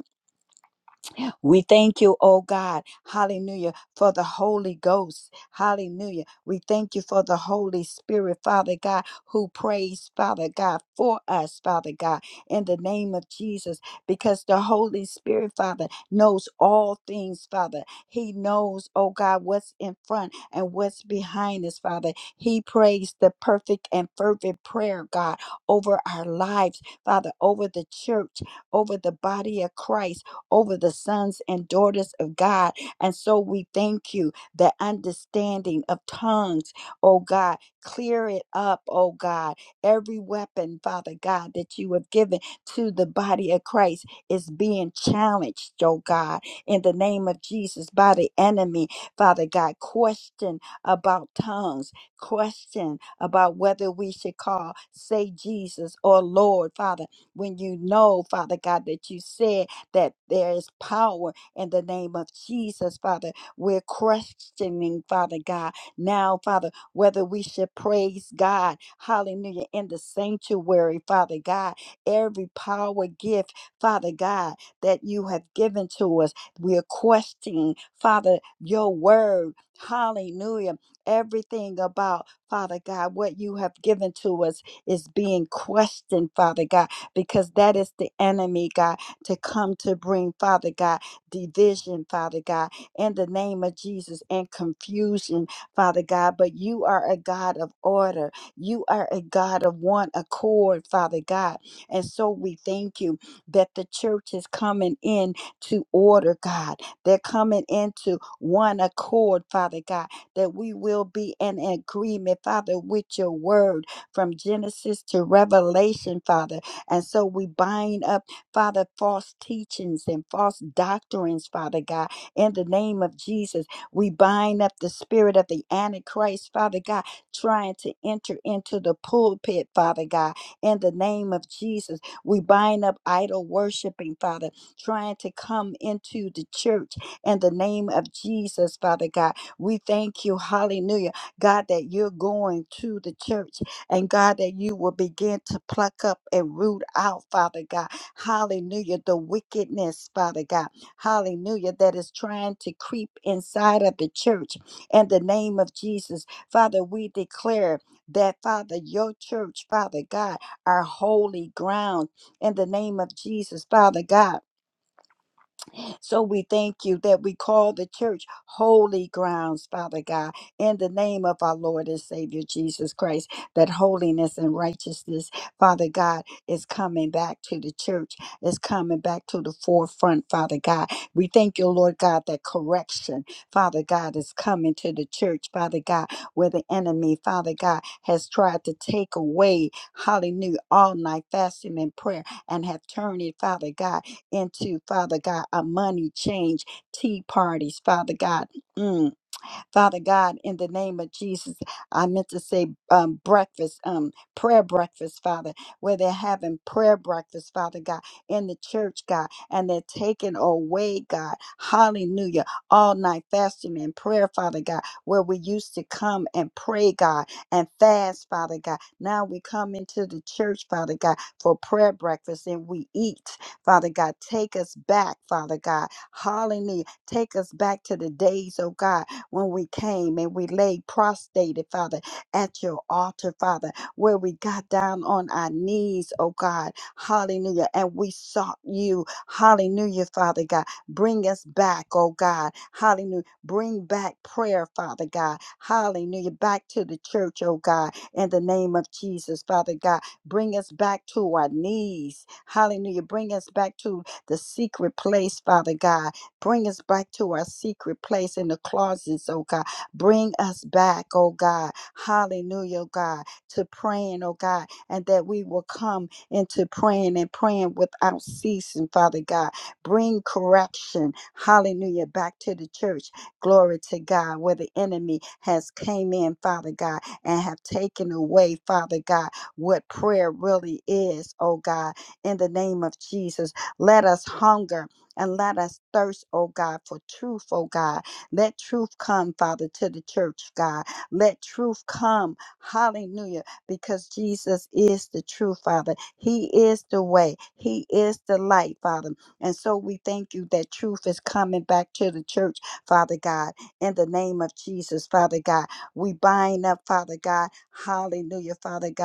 [SPEAKER 3] We thank you, oh God, hallelujah, for the Holy Ghost, hallelujah. We thank you for the Holy Spirit, Father God, who prays, Father God, for us, Father God, in the name of Jesus, because the Holy Spirit, Father, knows all things, Father. He knows, oh God, what's in front and what's behind us, Father. He prays the perfect and fervent prayer, God, over our lives, Father, over the church, over the body of Christ over the sons and daughters of God. And so we thank you that understanding of tongues, oh God, clear it up, oh God. Every weapon, Father God, that you have given to the body of Christ is being challenged, oh God, in the name of Jesus by the enemy, Father God. Question about tongues, question about whether we should call, say Jesus or Lord, Father, when you know, Father God, that you said that there is power in the name of Jesus, Father. We're questioning, Father God, now, Father, whether we should praise God, hallelujah, in the sanctuary, Father God. Every power gift, Father God, that you have given to us, we're questioning, Father, your word, hallelujah. Everything about, Father God, what you have given to us is being questioned, Father God, because that is the enemy, God to come to bring, Father God, division, Father God, in the name of Jesus, and confusion, Father God. But you are a God of order. You are a God of one accord, Father God. And so we thank you that the church is coming in to order, God. They're coming into one accord, Father God, that we will be in agreement, Father, with your word from Genesis to Revelation, Father. And so we bind up. Father, false teachings and false doctrines, Father God. In the name of Jesus, we bind up the spirit of the Antichrist, Father God, trying to enter into the pulpit, Father God. In the name of Jesus, we bind up idol worshiping, Father, trying to come into the church. In the name of Jesus, Father God, we thank you, hallelujah, God, that you're going to the church and God, that you will begin to pluck up and root out, Father God Hallelujah. The wickedness, Father God. Hallelujah. That is trying to creep inside of the church. In the name of Jesus, Father, we declare that, Father, your church, Father God, our holy ground. In the name of Jesus, Father God. So we thank you that we call the church holy grounds, Father God, in the name of our Lord and Savior Jesus Christ, that holiness and righteousness, Father God, is coming back to the church, is coming back to the forefront, Father God. We thank you, Lord God, that correction, Father God, is coming to the church, Father God, where the enemy, Father God, has tried to take away, hallelujah, all night fasting and prayer and have turned it, Father God into, Father God, a money change tea parties, Father God. Mm Father God, in the name of Jesus, I meant to say um, breakfast, um, prayer breakfast, Father, where they're having prayer breakfast, Father God, in the church, God, and they're taking away, God, hallelujah, all night fasting and prayer, Father God, where we used to come and pray, God, and fast, Father God. Now we come into the church, Father God, for prayer breakfast and we eat, Father God. Take us back, Father God. Hallelujah. Take us back to the days, oh God, when we came and we lay prostrated, Father, at your altar, Father, where we got down on our knees, oh God, hallelujah, and we sought you, hallelujah, Father God. Bring us back, oh God, hallelujah. Bring back prayer, Father God, hallelujah, back to the church, oh God, in the name of Jesus, Father God. Bring us back to our knees, hallelujah. Bring us back to the secret place, Father God Bring us back to our secret place in the closets, oh God. Bring us back, oh God. Hallelujah, oh God, to praying, oh God, and that we will come into praying and praying without ceasing, Father God. Bring correction, hallelujah, back to the church. Glory to God, where the enemy has came in, Father God, and have taken away, Father God, what prayer really is, oh God, in the name of Jesus. Let us hunger and let us thirst, oh God, for truth, oh God. Let truth come, Father, to the church, God. Let truth come, hallelujah, because Jesus is the truth, Father. He is the way, He is the light, Father. And so we thank you that truth is coming back to the church, Father God, in the name of Jesus, Father God. We bind up, Father God, hallelujah, Father God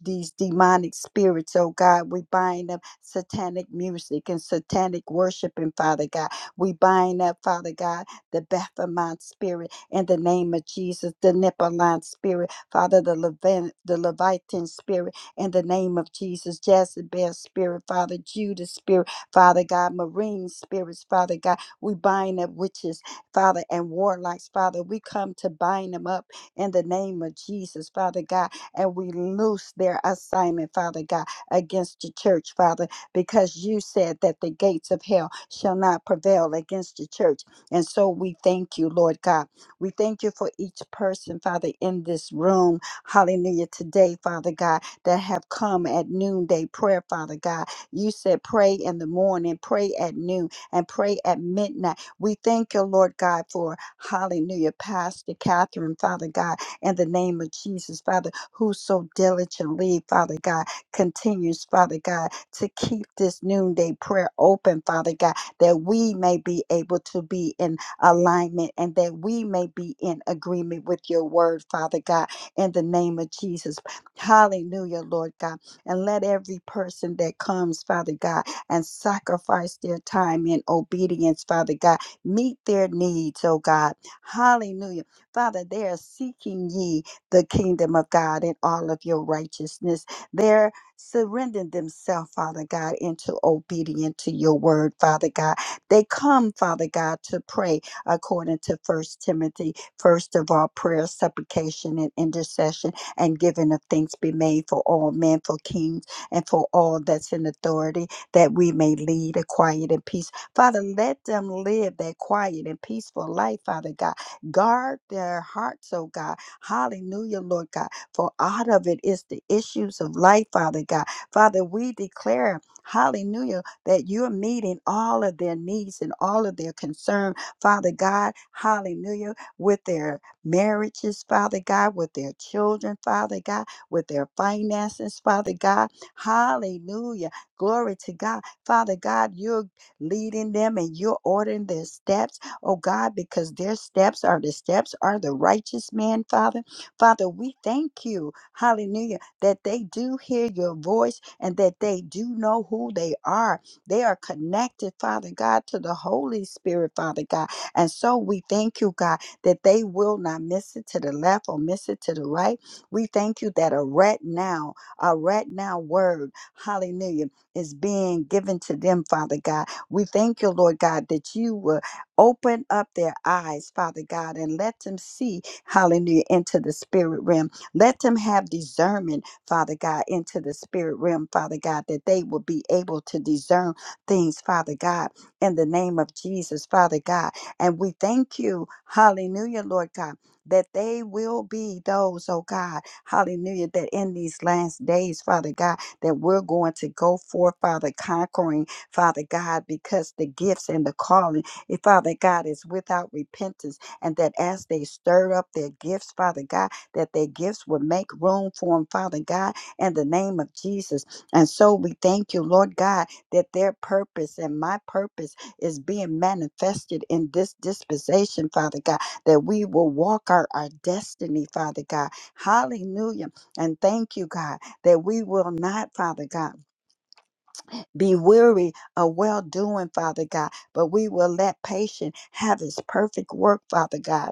[SPEAKER 3] these demonic spirits, oh God. We bind up satanic music and satanic worshiping, Father God. We bind up, Father God, the Baphomet spirit in the name of Jesus, the Nephilim spirit, Father, the Levant, the Leviathan spirit in the name of Jesus, Jezebel spirit, Father, Judas spirit, Father God, marine spirits, Father God. We bind up witches, Father, and warlocks, Father. We come to bind them up in the name of Jesus, Father God and we loose their assignment, Father God, against the church, Father, because you said that the gates of hell shall not prevail against the church. And so we thank you, Lord God. We thank you for each person, Father, in this room. Hallelujah. Today, Father God, that have come at noonday prayer, Father God. You said pray in the morning, pray at noon, and pray at midnight. We thank you, Lord God, for hallelujah, Pastor Catherine, Father God in the name of Jesus, Father, who so diligently, Father God, continues, Father God, to keep this noonday prayer open, Father God, that we may be able to be in alignment and that we may be in agreement with your word, Father God, in the name of Jesus. Hallelujah, Lord God. And let every person that comes, Father God, and sacrifice their time in obedience, Father God, meet their needs, oh God. Hallelujah Father, they are seeking ye the kingdom of God and all of your righteousness. They're surrendering themselves, Father God, into obedience to your word, Father God. They come, Father God, to pray according to First Timothy. First of all, prayer, supplication, and intercession, and giving of things be made for all men, for kings, and for all that's in authority, that we may lead a quiet and peace. Father, let them live that quiet and peaceful life, Father God Guard their hearts, oh God. Hallelujah, Lord God. For out of it is the issues of life, Father God. Father, we declare, hallelujah, that you're meeting all of their needs and all of their concern, Father God. Hallelujah. With their marriages, Father God, with their children, Father God, with their finances, Father God. Hallelujah. Glory to God. Father God, you're leading them and you're ordering their steps oh God, because their steps are the steps are the righteous man, Father. Father, we thank you, hallelujah, that they do hear your voice and that they do know who they are. They are connected, Father God, to the Holy Spirit, Father God. And so we thank you, God, that they will not miss it to the left or miss it to the right. We thank you that a right now, a right now word, hallelujah, is being given to them, Father God. We thank you, Lord God, that you will Open up their eyes, Father God, and let them see, hallelujah, into the spirit realm. Let them have discernment, Father God, into the spirit realm, Father God, that they will be able to discern things, Father God, in the name of Jesus, Father God. And we thank you, hallelujah, Lord God, that they will be those, oh God, hallelujah, that in these last days, Father God, that we're going to go forth, Father, conquering, Father God, because the gifts and the calling. Eh, Father God, is without repentance, and that as they stir up their gifts, Father God, that their gifts would make room for them, Father God, in the name of Jesus. And so we thank you, Lord God, that their purpose and my purpose is being manifested in this dispensation, Father God, that we will walk our, our destiny, Father God. Hallelujah. And thank you, God, that we will not, Father God be weary of well doing, Father God, but we will let patience have its perfect work, Father God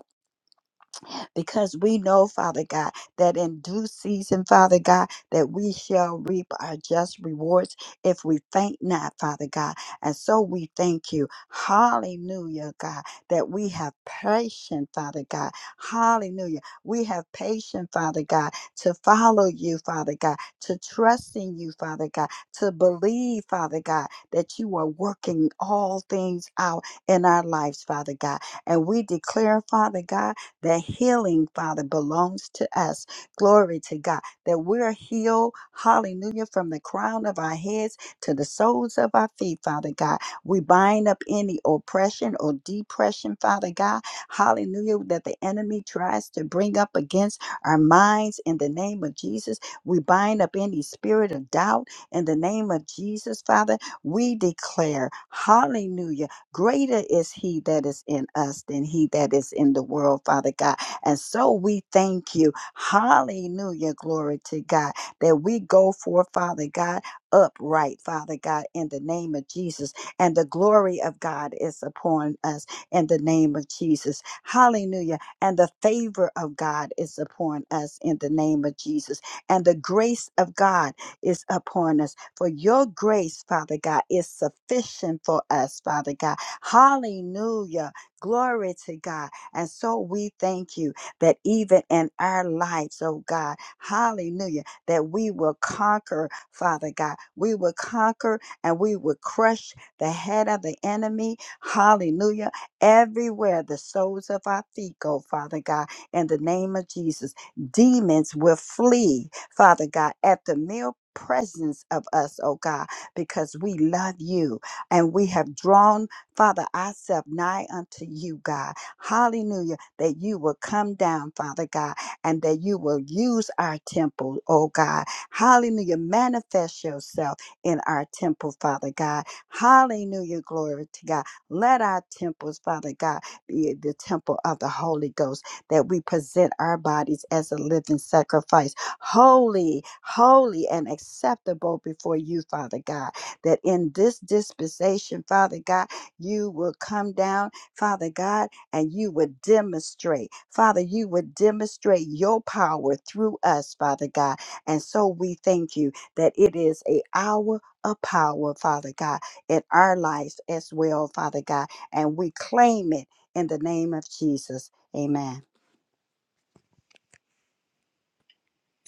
[SPEAKER 3] because we know, Father God, that in due season, Father God, that we shall reap our just rewards if we faint not, Father God. And so we thank you. Hallelujah, God, that we have patience, Father God. Hallelujah. We have patience, Father God, to follow you, Father God, to trust in you, Father God, to believe, Father God, that you are working all things out in our lives, Father God. And we declare, Father God, that healing, Father, belongs to us. Glory to God. That we're healed, hallelujah, from the crown of our heads to the soles of our feet, Father God. We bind up any oppression or depression, Father God. Hallelujah, that the enemy tries to bring up against our minds in the name of Jesus. We bind up any spirit of doubt in the name of Jesus, Father. We declare, hallelujah Greater is he that is in us than he that is in the world, Father God. And so we thank you. Hallelujah. Glory to God that we go for, Father God, upright, Father God, in the name of Jesus. And the glory of God is upon us in the name of Jesus. Hallelujah. And the favor of God is upon us in the name of Jesus. And the grace of God is upon us for your grace, Father God, is sufficient for us, Father God. Hallelujah. Glory to God. And so we thank you that even in our lives, oh God, hallelujah, that we will conquer, Father God. We will conquer and we will crush the head of the enemy. Hallelujah. Everywhere the soles of our feet go, Father God, in the name of Jesus demons will flee, Father God, at the mere presence of us, oh God, because we love you and we have drawn, Father, ourselves nigh unto you, God. Hallelujah, that you will come down, Father God, and that you will use our temple, oh God. Hallelujah, manifest yourself in our temple, Father God. Hallelujah, glory to God. Let our temples, Father God, be the temple of the Holy Ghost that we present our bodies as a living sacrifice, holy, holy, and acceptable before you, Father God. That in this dispensation, Father God, you will come down, Father God, and you would demonstrate, Father, you would demonstrate your power through us, Father God. And so we thank you that it is a hour of power, Father God, in our lives as well, Father God. And we claim it in the name of Jesus. Amen.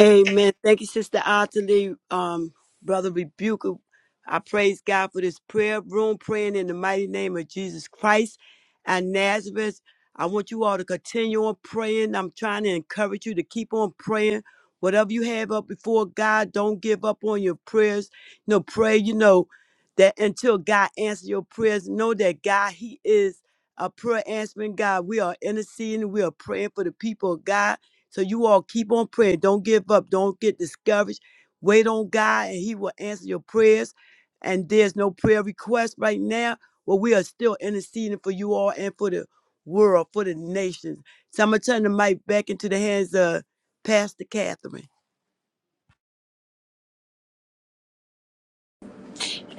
[SPEAKER 1] Amen. Thank you, Sister Ottilie. Um, Brother Rebuker, I praise God for this prayer room, praying in the mighty name of Jesus Christ and Nazareth. I want you all to continue on praying. I'm trying to encourage you to keep on praying. Whatever you have up before God, don't give up on your prayers. You know, pray, you know, that until God answers your prayers, know that God, He is a prayer answering God. We are interceding, we are praying for the people of God. So you all keep on praying. Don't give up. Don't get discouraged. Wait on God and He will answer your prayers. And there's no prayer request right now. Well, we are still interceding for you all and for the world, for the nations. So I'm gonna turn the mic back into the hands of Pastor Catherine.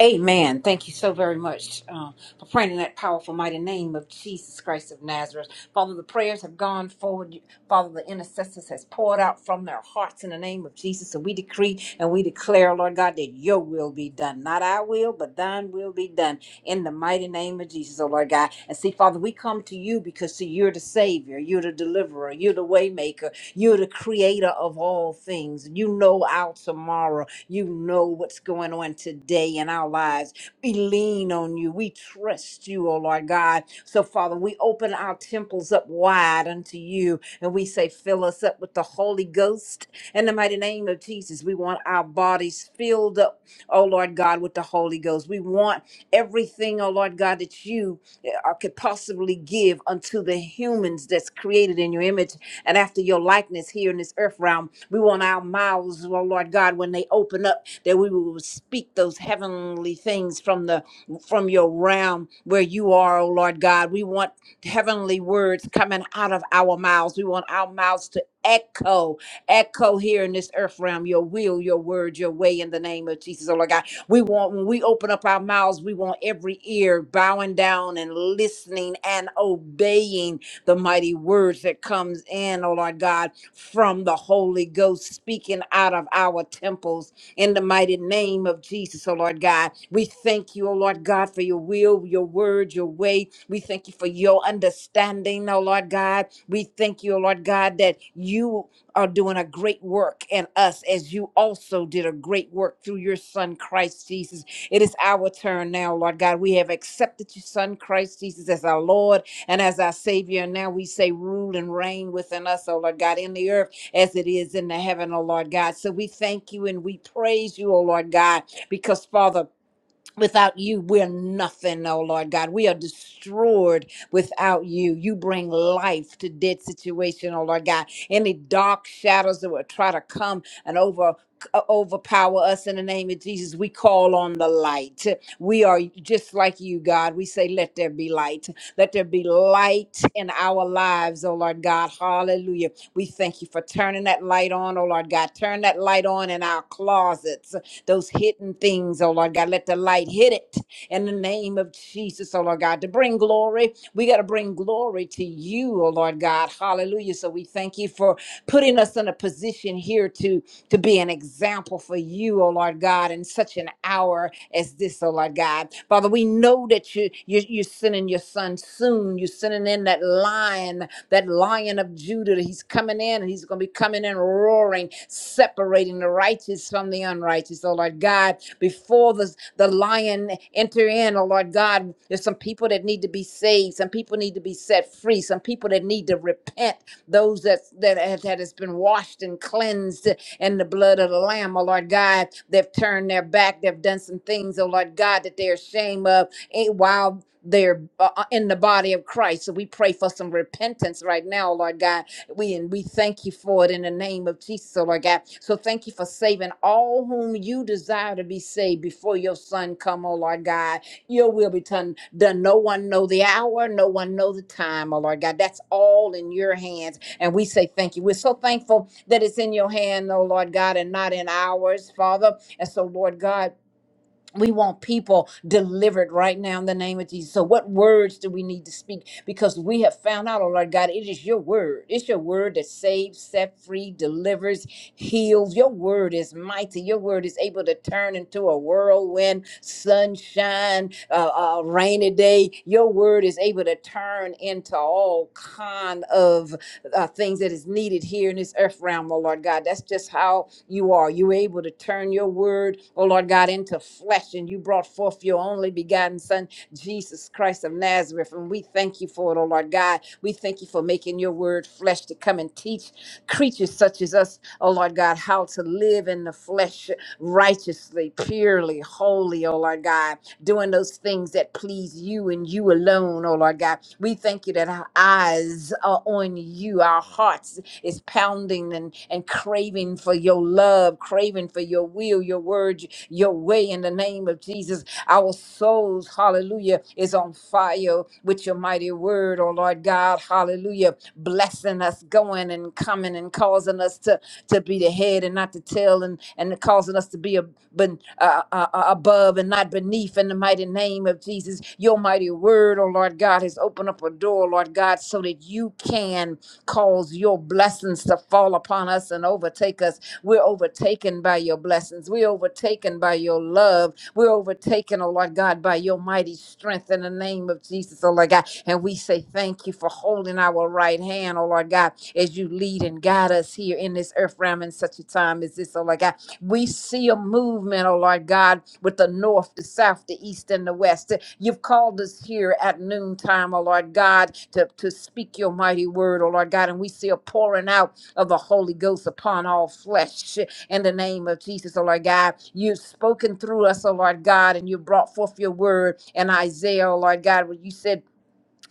[SPEAKER 4] Amen. Thank you so very much um, for praying in that powerful, mighty name of Jesus Christ of Nazareth. Father, the prayers have gone forward. Father, the intercessors has poured out from their hearts in the name of Jesus. And we decree and we declare, Lord God, that your will be done. Not our will, but thine will be done in the mighty name of Jesus, oh Lord God. And see, Father, we come to you because see, you're the Savior, you're the deliverer, you're the waymaker, you're the creator of all things. You know our tomorrow. You know what's going on today in our lives. We lean on you. We trust you, oh Lord God. So, Father, we open our temples up wide unto you and we say, fill us up with the Holy Ghost. In the mighty name of Jesus, we want our bodies filled up, oh Lord God, with the Holy Ghost. We want everything, oh Lord God, that you uh, could possibly give unto the humans that's created in your image and after your likeness here in this earth realm. We want our mouths, oh Lord God, when they open up, that we will speak those heavenly things from the from your realm where you are, oh Lord God. We want heavenly words coming out of our mouths. We want our mouths to echo, echo here in this earth realm, your will, your word, your way in the name of Jesus, oh Lord God. We want when we open up our mouths, we want every ear bowing down and listening and obeying the mighty words that comes in, oh Lord God, from the Holy Ghost speaking out of our temples in the mighty name of Jesus, oh Lord God. We thank you, oh Lord God, for your will, your word, your way. We thank you for your understanding, oh Lord God. We thank you, oh Lord God, that you are doing a great work in us as you also did a great work through your son, Christ Jesus. It is our turn now, Lord God. We have accepted your son, Christ Jesus, as our Lord and as our Savior. And now we say, rule and reign within us, O Lord God, in the earth as it is in the heaven, O Lord God. So we thank you and we praise you, O Lord God, because Father, Without you, we're nothing, oh Lord God. We are destroyed without you. You bring life to dead situation, oh Lord God. Any dark shadows that would try to come and over uh, overpower us in the name of Jesus, we call on the light. We are just like you, God. We say, let there be light. Let there be light in our lives, oh Lord God. Hallelujah. We thank you for turning that light on, oh Lord God. Turn that light on in our closets those hidden things, oh Lord God. Let the light hit it in the name of Jesus, oh Lord God, to bring glory. We got to bring glory to you, oh Lord God. Hallelujah. So we thank you for putting us in a position here to, to be an example for you, oh Lord God, in such an hour as this, oh Lord God. Father, we know that you, you, you're sending your son soon. You're sending in that lion that lion of Judah. He's coming in and he's going to be coming in roaring, separating the righteous from the unrighteous. Oh, Lord God, before the, the lion enter in, oh, Lord God, there's some people that need to be saved. Some people need to be set free. Some people that need to repent. Those that, that, have, that has been washed and cleansed in the blood of the Lamb, oh, Lord God, they've turned their back. They've done some things, oh, Lord God, that they're ashamed of they're uh, uh, in the body of Christ. So we pray for some repentance right now, Lord God. We and we thank you for it in the name of Jesus, oh Lord God. So thank you for saving all whom you desire to be saved before your son come, oh Lord God. Your will be done. done. No one know the hour, no one know the time, oh Lord God. That's all in your hands. And we say thank you. We're so thankful that it's in your hand, oh Lord God, and not in ours, Father. And so, Lord God. We want people delivered right now in the name of Jesus. So, what words do we need to speak? Because we have found out, oh Lord God, it is your word. It's your word that saves, set free, delivers, heals. Your word is mighty. Your word is able to turn into a whirlwind, sunshine, uh, uh, rainy day. Your word is able to turn into all kind of uh, things that is needed here in this earth realm, oh Lord God. That's just how you are. You're able to turn your word, oh Lord God, into flesh, and you brought forth your only begotten Son, Jesus Christ of Nazareth. And we thank you for it, oh Lord God. We thank you for making your word flesh to come and teach creatures such as us, oh Lord God, how to live in the flesh righteously, purely, holy, oh Lord God doing those things that please you and you alone, oh Lord God. We thank you that our eyes are on you, our hearts is pounding and, and craving for your love, craving for your will, your word, your way in the name of Jesus. Our souls, hallelujah, is on fire with your mighty word, oh Lord God, hallelujah, blessing us, going and coming and causing us to to be the head and not the tail, and and causing us to be a, ben, uh, uh, uh, above and not beneath. In the mighty name of Jesus, Your mighty word, oh Lord God, has opened up a door, Lord God, so that You can cause Your blessings to fall upon us and overtake us. We're overtaken by Your blessings. We're overtaken by Your love. We're overtaken, oh Lord God, by Your mighty strength in the name of Jesus, oh Lord God. And we say thank You for holding our right hand, oh Lord God as you lead and guide us here in this earth realm in such a time as this, oh Lord God. We see a movement, oh Lord God, with the north, the south, the east, and the west. You've called us here at noontime, oh Lord God, to, to speak your mighty word, oh Lord God. And we see a pouring out of the Holy Ghost upon all flesh in the name of Jesus, oh Lord God. You've spoken through us, oh Lord God, and you brought forth your word in Isaiah, oh Lord God, when you said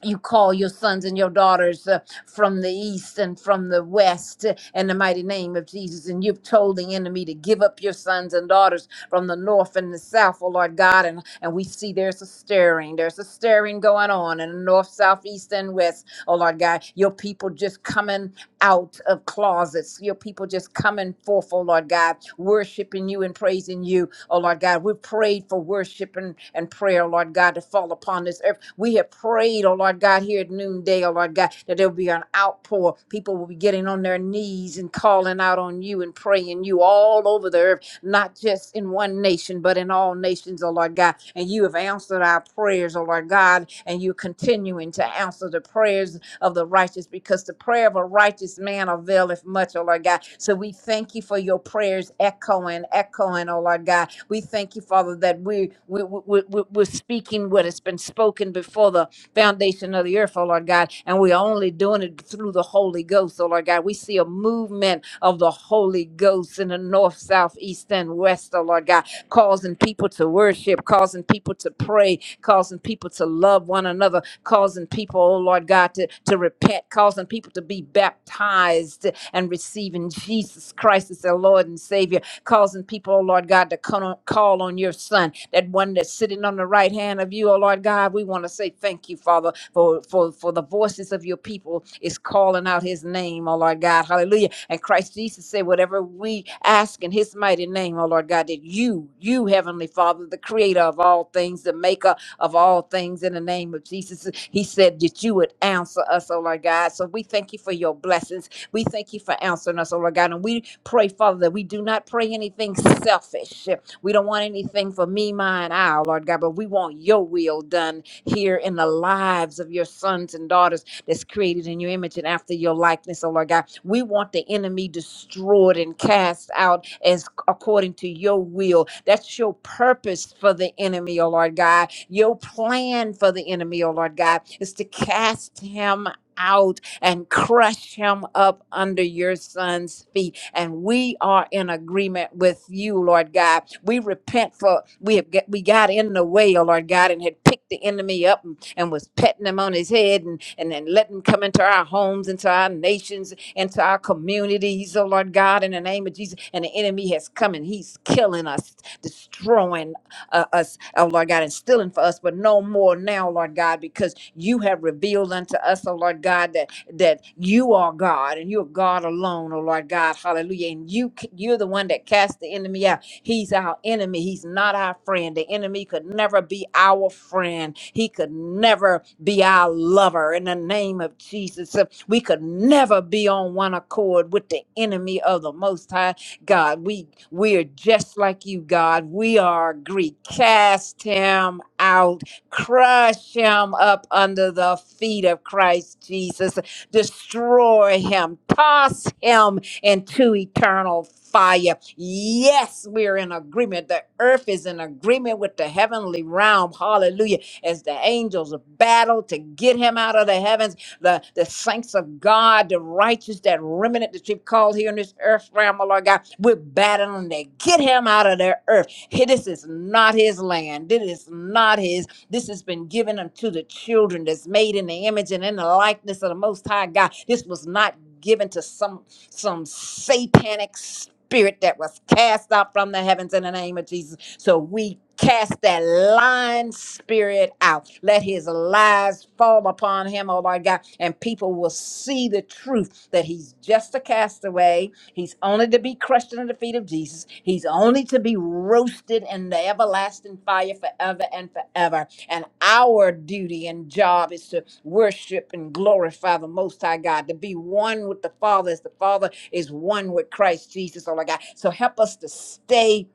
[SPEAKER 4] you call your sons and your daughters uh, from the east and from the west uh, in the mighty name of Jesus. And you've told the enemy to give up your sons and daughters from the north and the south, oh Lord God. And, and we see there's a stirring. There's a stirring going on in the north, south, east, and west, oh Lord God. Your people just coming out of closets. Your people just coming forth, oh Lord God, worshiping you and praising you, oh Lord God. We've prayed for worship and, and prayer, oh Lord God, to fall upon this earth we have prayed, oh Lord God, here at noonday, oh Lord God, that there will be an outpour. People will be getting on their knees and calling out on you and praying you all over the earth, not just in one nation, but in all nations, oh Lord God. And you have answered our prayers, oh Lord God, and you're continuing to answer the prayers of the righteous because the prayer of a righteous man availeth much, oh Lord God. So we thank you for your prayers echoing, echoing, oh Lord God. We thank you, Father, that we, we, we, we, we're speaking what has been spoken before the foundation of the earth, oh Lord God. And we're only doing it through the Holy Ghost, oh Lord God. We see a movement of the Holy Ghost in the north, south, east, and west, oh Lord God, causing people to worship, causing people to pray, causing people to love one another, causing people, oh Lord God, to, to repent, causing people to be baptized and receiving Jesus Christ as their Lord and Savior, causing people, oh Lord God, to come on, call on your Son, that one that's sitting on the right hand of you, oh Lord God. We want to say thank you, Father, for, for, for the voices of your people is calling out his name, oh Lord God. Hallelujah. And Christ Jesus said, whatever we ask in his mighty name, oh Lord God, that you, you, Heavenly Father, the creator of all things, the maker of all things in the name of Jesus. He said that you would answer us, oh Lord God. So we thank you for your blessings. We thank you for answering us, oh Lord God. And we pray, Father, that we do not pray anything selfish. We don't want anything for me, mine, I, oh Lord God, but we want your will done here in the lives of your sons and daughters that's created in your image and after your likeness, oh Lord God. We want the enemy destroyed and cast out as according to your will. That's your purpose for the enemy, oh Lord God. Your plan for the enemy, oh Lord God, is to cast him out and crush him up under your son's feet. And we are in agreement with you, Lord God. We repent for we have get, we got in the way, oh Lord God, and had picked the enemy up and, and was petting him on his head and and then letting him come into our homes, into our nations, into our communities, oh Lord God, in the name of Jesus. And the enemy has come and he's killing us, destroying uh, us, oh Lord God, and stealing for us, but no more now, Lord God, because you have revealed unto us, oh Lord God, that that you are God and you're God alone, oh Lord God, hallelujah. And you c- you're the one that cast the enemy out. He's our enemy. He's not our friend. The enemy could never be our friend. He could never be our lover. In the name of Jesus, uh, we could never be on one accord with the enemy of the Most High God. We we are just like you, God. We are Greek. Cast him out. Crush him up under the feet of Christ Jesus. Destroy him. Toss him into eternal fire. Yes, we're in agreement. The earth is in agreement with the heavenly realm. Hallelujah. As the angels battle to get him out of the heavens, the, the saints of God, the righteous, that remnant that you've called here in this earth realm, oh Lord God, we're battling to get him out of their earth. Hey, This is not his land. This is not his. This has been given unto the children that's made in the image and in the likeness of the Most High God. This was not given to some some satanic spirit that was cast out from the heavens in the name of Jesus. So we cast that lying spirit out. Let his lies fall upon him, oh Lord God, and people will see the truth that he's just a castaway. He's only to be crushed under the feet of Jesus. He's only to be roasted in the everlasting fire forever and forever. And our duty and job is to worship and glorify the Most High God, to be one with the Father as the Father is one with Christ Jesus, oh my God. So help us to stay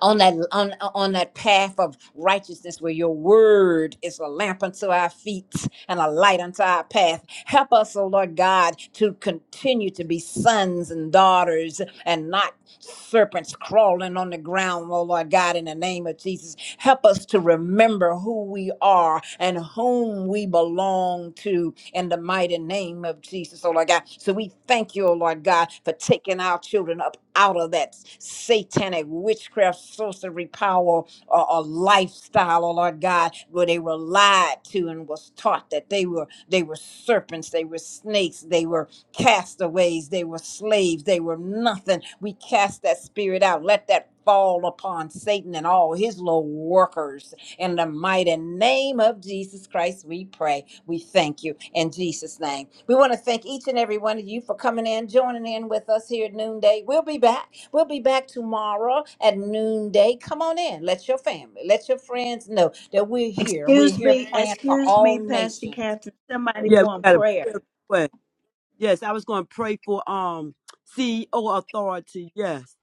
[SPEAKER 4] on that on, on that path of righteousness where your word is a lamp unto our feet and a light unto our path. Help us, oh Lord God, to continue to be sons and daughters and not serpents crawling on the ground, oh Lord God, in the name of Jesus. Help us to remember who we are and whom we belong to in the mighty name of Jesus, oh Lord God. So we thank you, oh Lord God, for taking our children up out of that satanic witchcraft, sorcery, power, or, or lifestyle, oh Lord God, where they were lied to and was taught that they were they were serpents, they were snakes, they were castaways, they were slaves, they were nothing. We cast that spirit out. Let that fall upon Satan and all his low workers. In the mighty name of Jesus Christ, we pray. We thank you in Jesus' name. We want to thank each and every one of you for coming in, joining in with us here at noonday. We'll be back. We'll be back tomorrow at noonday. Come on in. Let your family, let your friends know that we're here and we're
[SPEAKER 3] Excuse
[SPEAKER 4] here
[SPEAKER 3] me,
[SPEAKER 4] praying for
[SPEAKER 3] excuse
[SPEAKER 4] all
[SPEAKER 3] me, Pastor
[SPEAKER 4] nations.
[SPEAKER 3] Catherine. Somebody
[SPEAKER 1] Yeah, we
[SPEAKER 3] want
[SPEAKER 1] got a
[SPEAKER 3] prayer.
[SPEAKER 1] prayer request. Yes, I was gonna pray for um CEO authority. Yes.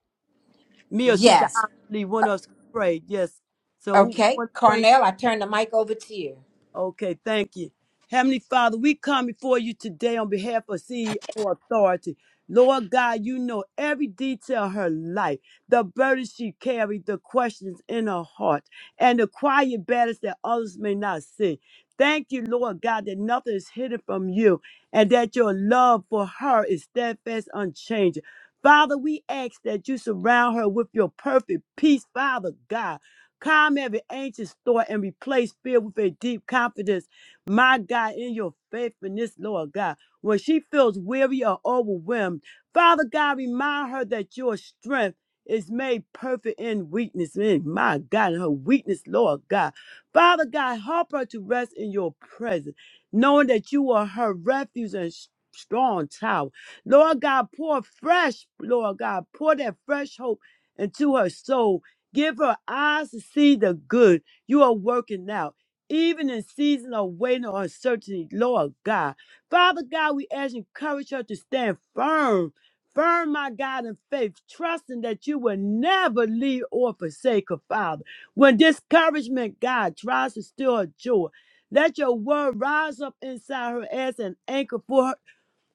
[SPEAKER 1] Me or Sister
[SPEAKER 4] Yes.
[SPEAKER 1] Lee, one of us could pray. Yes. So who
[SPEAKER 4] Okay,
[SPEAKER 1] wants to pray
[SPEAKER 4] Cornell, I turn the mic over to you.
[SPEAKER 1] Okay, thank you. Heavenly Father, we come before you today on behalf of CEO Authority. Lord God, you know every detail of her life, the burdens she carried, the questions in her heart, and the quiet battles that others may not see. Thank you, Lord God, that nothing is hidden from you and that your love for her is steadfast, unchanging. Father, we ask that you surround her with your perfect peace, Father God. Calm every anxious thought and replace fear with a deep confidence, my God, in your faithfulness, Lord God. When she feels weary or overwhelmed, Father God, remind her that your strength is made perfect in weakness. In my God, in her weakness, Lord God. Father God, help her to rest in your presence, knowing that you are her refuge and s- strong tower. Lord God, pour fresh, Lord God, pour that fresh hope into her soul Give her eyes to see the good you are working out, even in season of waiting or uncertainty, Lord God. Father God, we ask you to encourage her to stand firm, firm, my God, in faith, trusting that you will never leave or forsake her, Father. When discouragement, God, tries to steal her joy, let your word rise up inside her as an anchor for her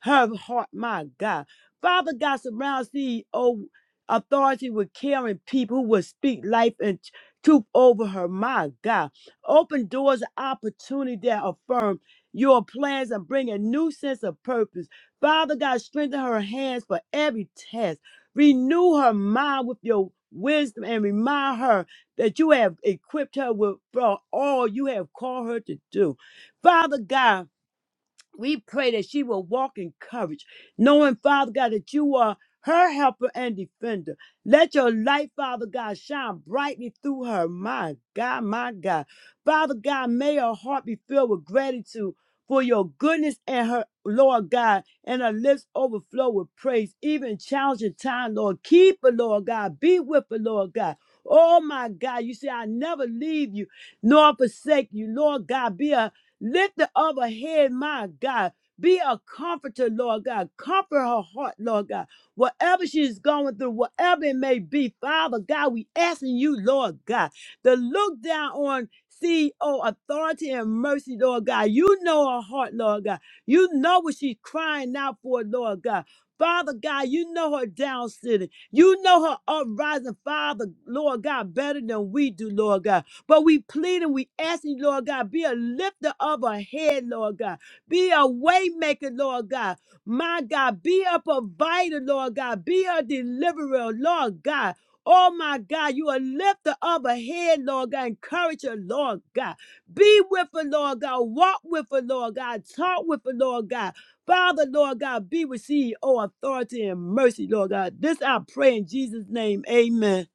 [SPEAKER 1] her heart, my God. Father God surrounds the oh, authority with caring people who will speak life and truth over her, my God. Open doors of opportunity that affirm your plans and bring a new sense of purpose. Father God, strengthen her hands for every task. Renew her mind with your wisdom and remind her that you have equipped her with for all you have called her to do. Father God, we pray that she will walk in courage, knowing, Father God, that you are her helper and defender. Let your light, Father God, shine brightly through her. My God, my God. Father God, may her heart be filled with gratitude for your goodness and her, Lord God, and her lips overflow with praise. Even challenging time, Lord. Keep her, Lord God. Be with her, Lord God. Oh my God, you say, I never leave you nor forsake you. Lord God, be a Lift the other head, my God. Be a comforter, Lord God. Comfort her heart, Lord God. Whatever she's going through, whatever it may be, Father God, we asking you, Lord God, to look down on CEO authority and mercy, Lord God. You know her heart, Lord God. You know what she's crying out for, Lord God. Father God, you know her down sitting. You know her uprising, Father, Lord God, better than we do, Lord God. But we plead and we ask you, Lord God, be a lifter of a head, Lord God. Be a waymaker, Lord God. My God, be a provider, Lord God. Be a deliverer, Lord God. Oh my God, you a lifter of a head, Lord God. Encourage her, Lord God. Be with her, Lord God. Walk with her, Lord God. Talk with her, Lord God. Father, Lord God, be with CEO authority and mercy, Lord God. This I pray in Jesus' name. Amen.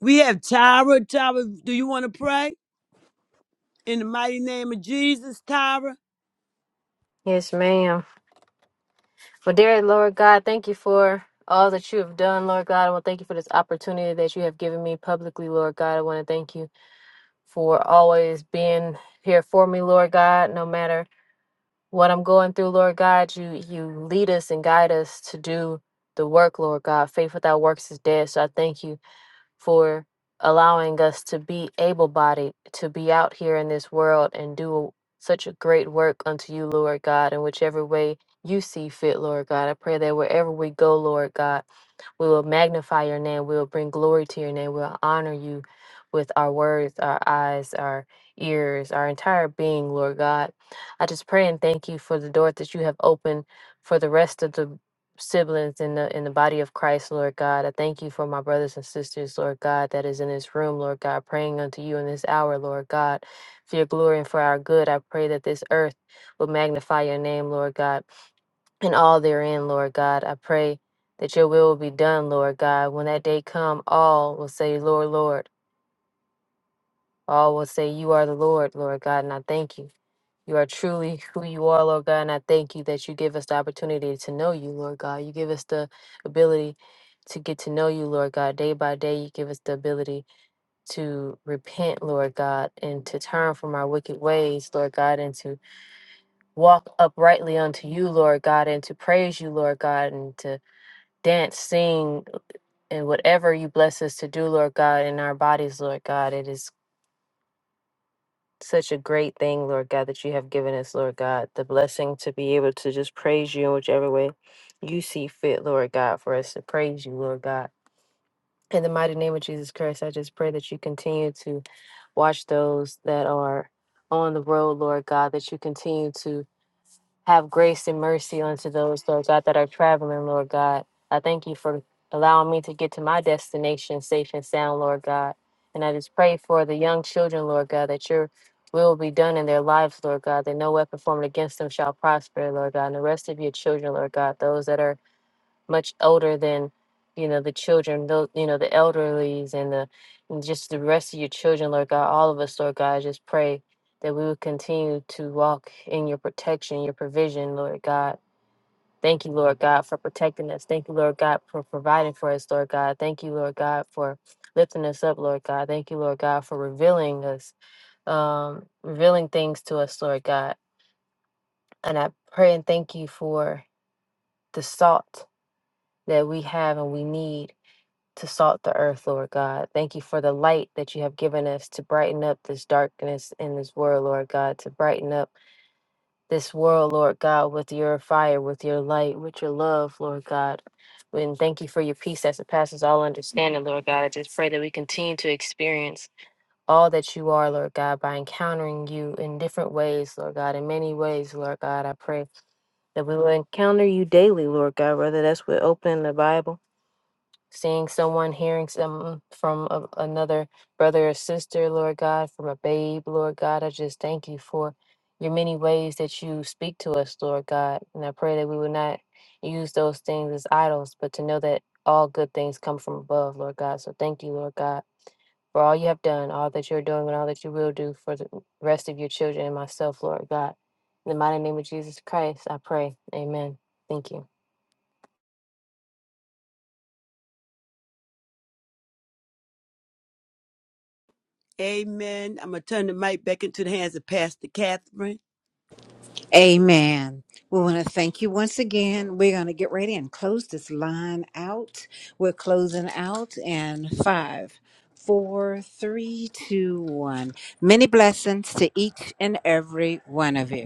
[SPEAKER 1] We have Tyra. Tyra, do you want to pray? In the mighty name of Jesus, Tyra.
[SPEAKER 5] Yes, ma'am. Well, dear Lord God, thank you for all that you have done, Lord God. I want to thank you for this opportunity that you have given me publicly, Lord God. I want to thank you for always being here for me, Lord God, no matter what I'm going through, Lord God. You you lead us and guide us to do the work, Lord God. Faith without works is dead. So I thank you for allowing us to be able bodied, to be out here in this world and do such a great work unto you, Lord God, in whichever way you see fit, Lord God. I pray that wherever we go, Lord God, we will magnify your name. We will bring glory to your name. We'll honor you with our words, our eyes, our ears, our entire being, Lord God. I just pray and thank you for the door that you have opened for the rest of the siblings in the in the body of Christ, Lord God. I thank you for my brothers and sisters, Lord God, that is in this room, Lord God, praying unto you in this hour, Lord God, for your glory and for our good. I pray that this earth will magnify your name, Lord God, and all therein, Lord God. I pray that your will will be done, Lord God. When that day come, all will say, Lord, Lord. All will say, You are the Lord, Lord God, and I thank you. You are truly who you are, Lord God, and I thank you that you give us the opportunity to know you, Lord God. You give us the ability to get to know you, Lord God. Day by day, you give us the ability to repent, Lord God, and to turn from our wicked ways, Lord God, and to walk uprightly unto you, Lord God, and to praise you, Lord God, and to dance, sing, and whatever you bless us to do, Lord God, in our bodies, Lord God. It is. such a great thing, Lord God, that you have given us, Lord God, the blessing to be able to just praise you in whichever way you see fit, Lord God, for us to praise you, Lord God. In the mighty name of Jesus Christ, I just pray that you continue to watch those that are on the road, Lord God, that you continue to have grace and mercy unto those, Lord God, that are traveling, Lord God. I thank you for allowing me to get to my destination safe and sound, Lord God. And I just pray for the young children, Lord God, that your will be done in their lives, Lord God, that no weapon formed against them shall prosper, Lord God. And the rest of your children, Lord God, those that are much older than you know the children those you know the elderlies and the and just the rest of your children lord god all of us lord god I just pray that we would continue to walk in your protection your provision lord god thank you lord god for protecting us thank you lord god for providing for us lord god thank you lord god for lifting us up lord god thank you lord god for revealing us um revealing things to us lord god and i pray and thank you for the salt that we have and we need to salt the earth, Lord God. Thank you for the light that you have given us to brighten up this darkness in this world, Lord God, to brighten up this world, Lord God, with your fire, with your light, with your love, Lord God. And thank you for your peace that surpasses all understanding, Lord God. I just pray that we continue to experience all that you are, Lord God, by encountering you in different ways, Lord God, in many ways, Lord God. I pray that we will encounter you daily, Lord God, whether that's with opening the Bible seeing someone, hearing some from a, another brother or sister, Lord God, from a babe, Lord God. I just thank you for your many ways that you speak to us, Lord God. And I pray that we would not use those things as idols, but to know that all good things come from above, Lord God. So thank you, Lord God, for all you have done, all that you're doing, and all that you will do for the rest of your children and myself, Lord God. In the mighty name of Jesus Christ, I pray. Amen. Thank you.
[SPEAKER 1] Amen. I'm going to turn the mic back into the hands of Pastor Catherine.
[SPEAKER 4] Amen. We want to thank you once again. We're going to get ready and close this line out. We're closing out in five, four, three, two, one. Many blessings to each and every one of you.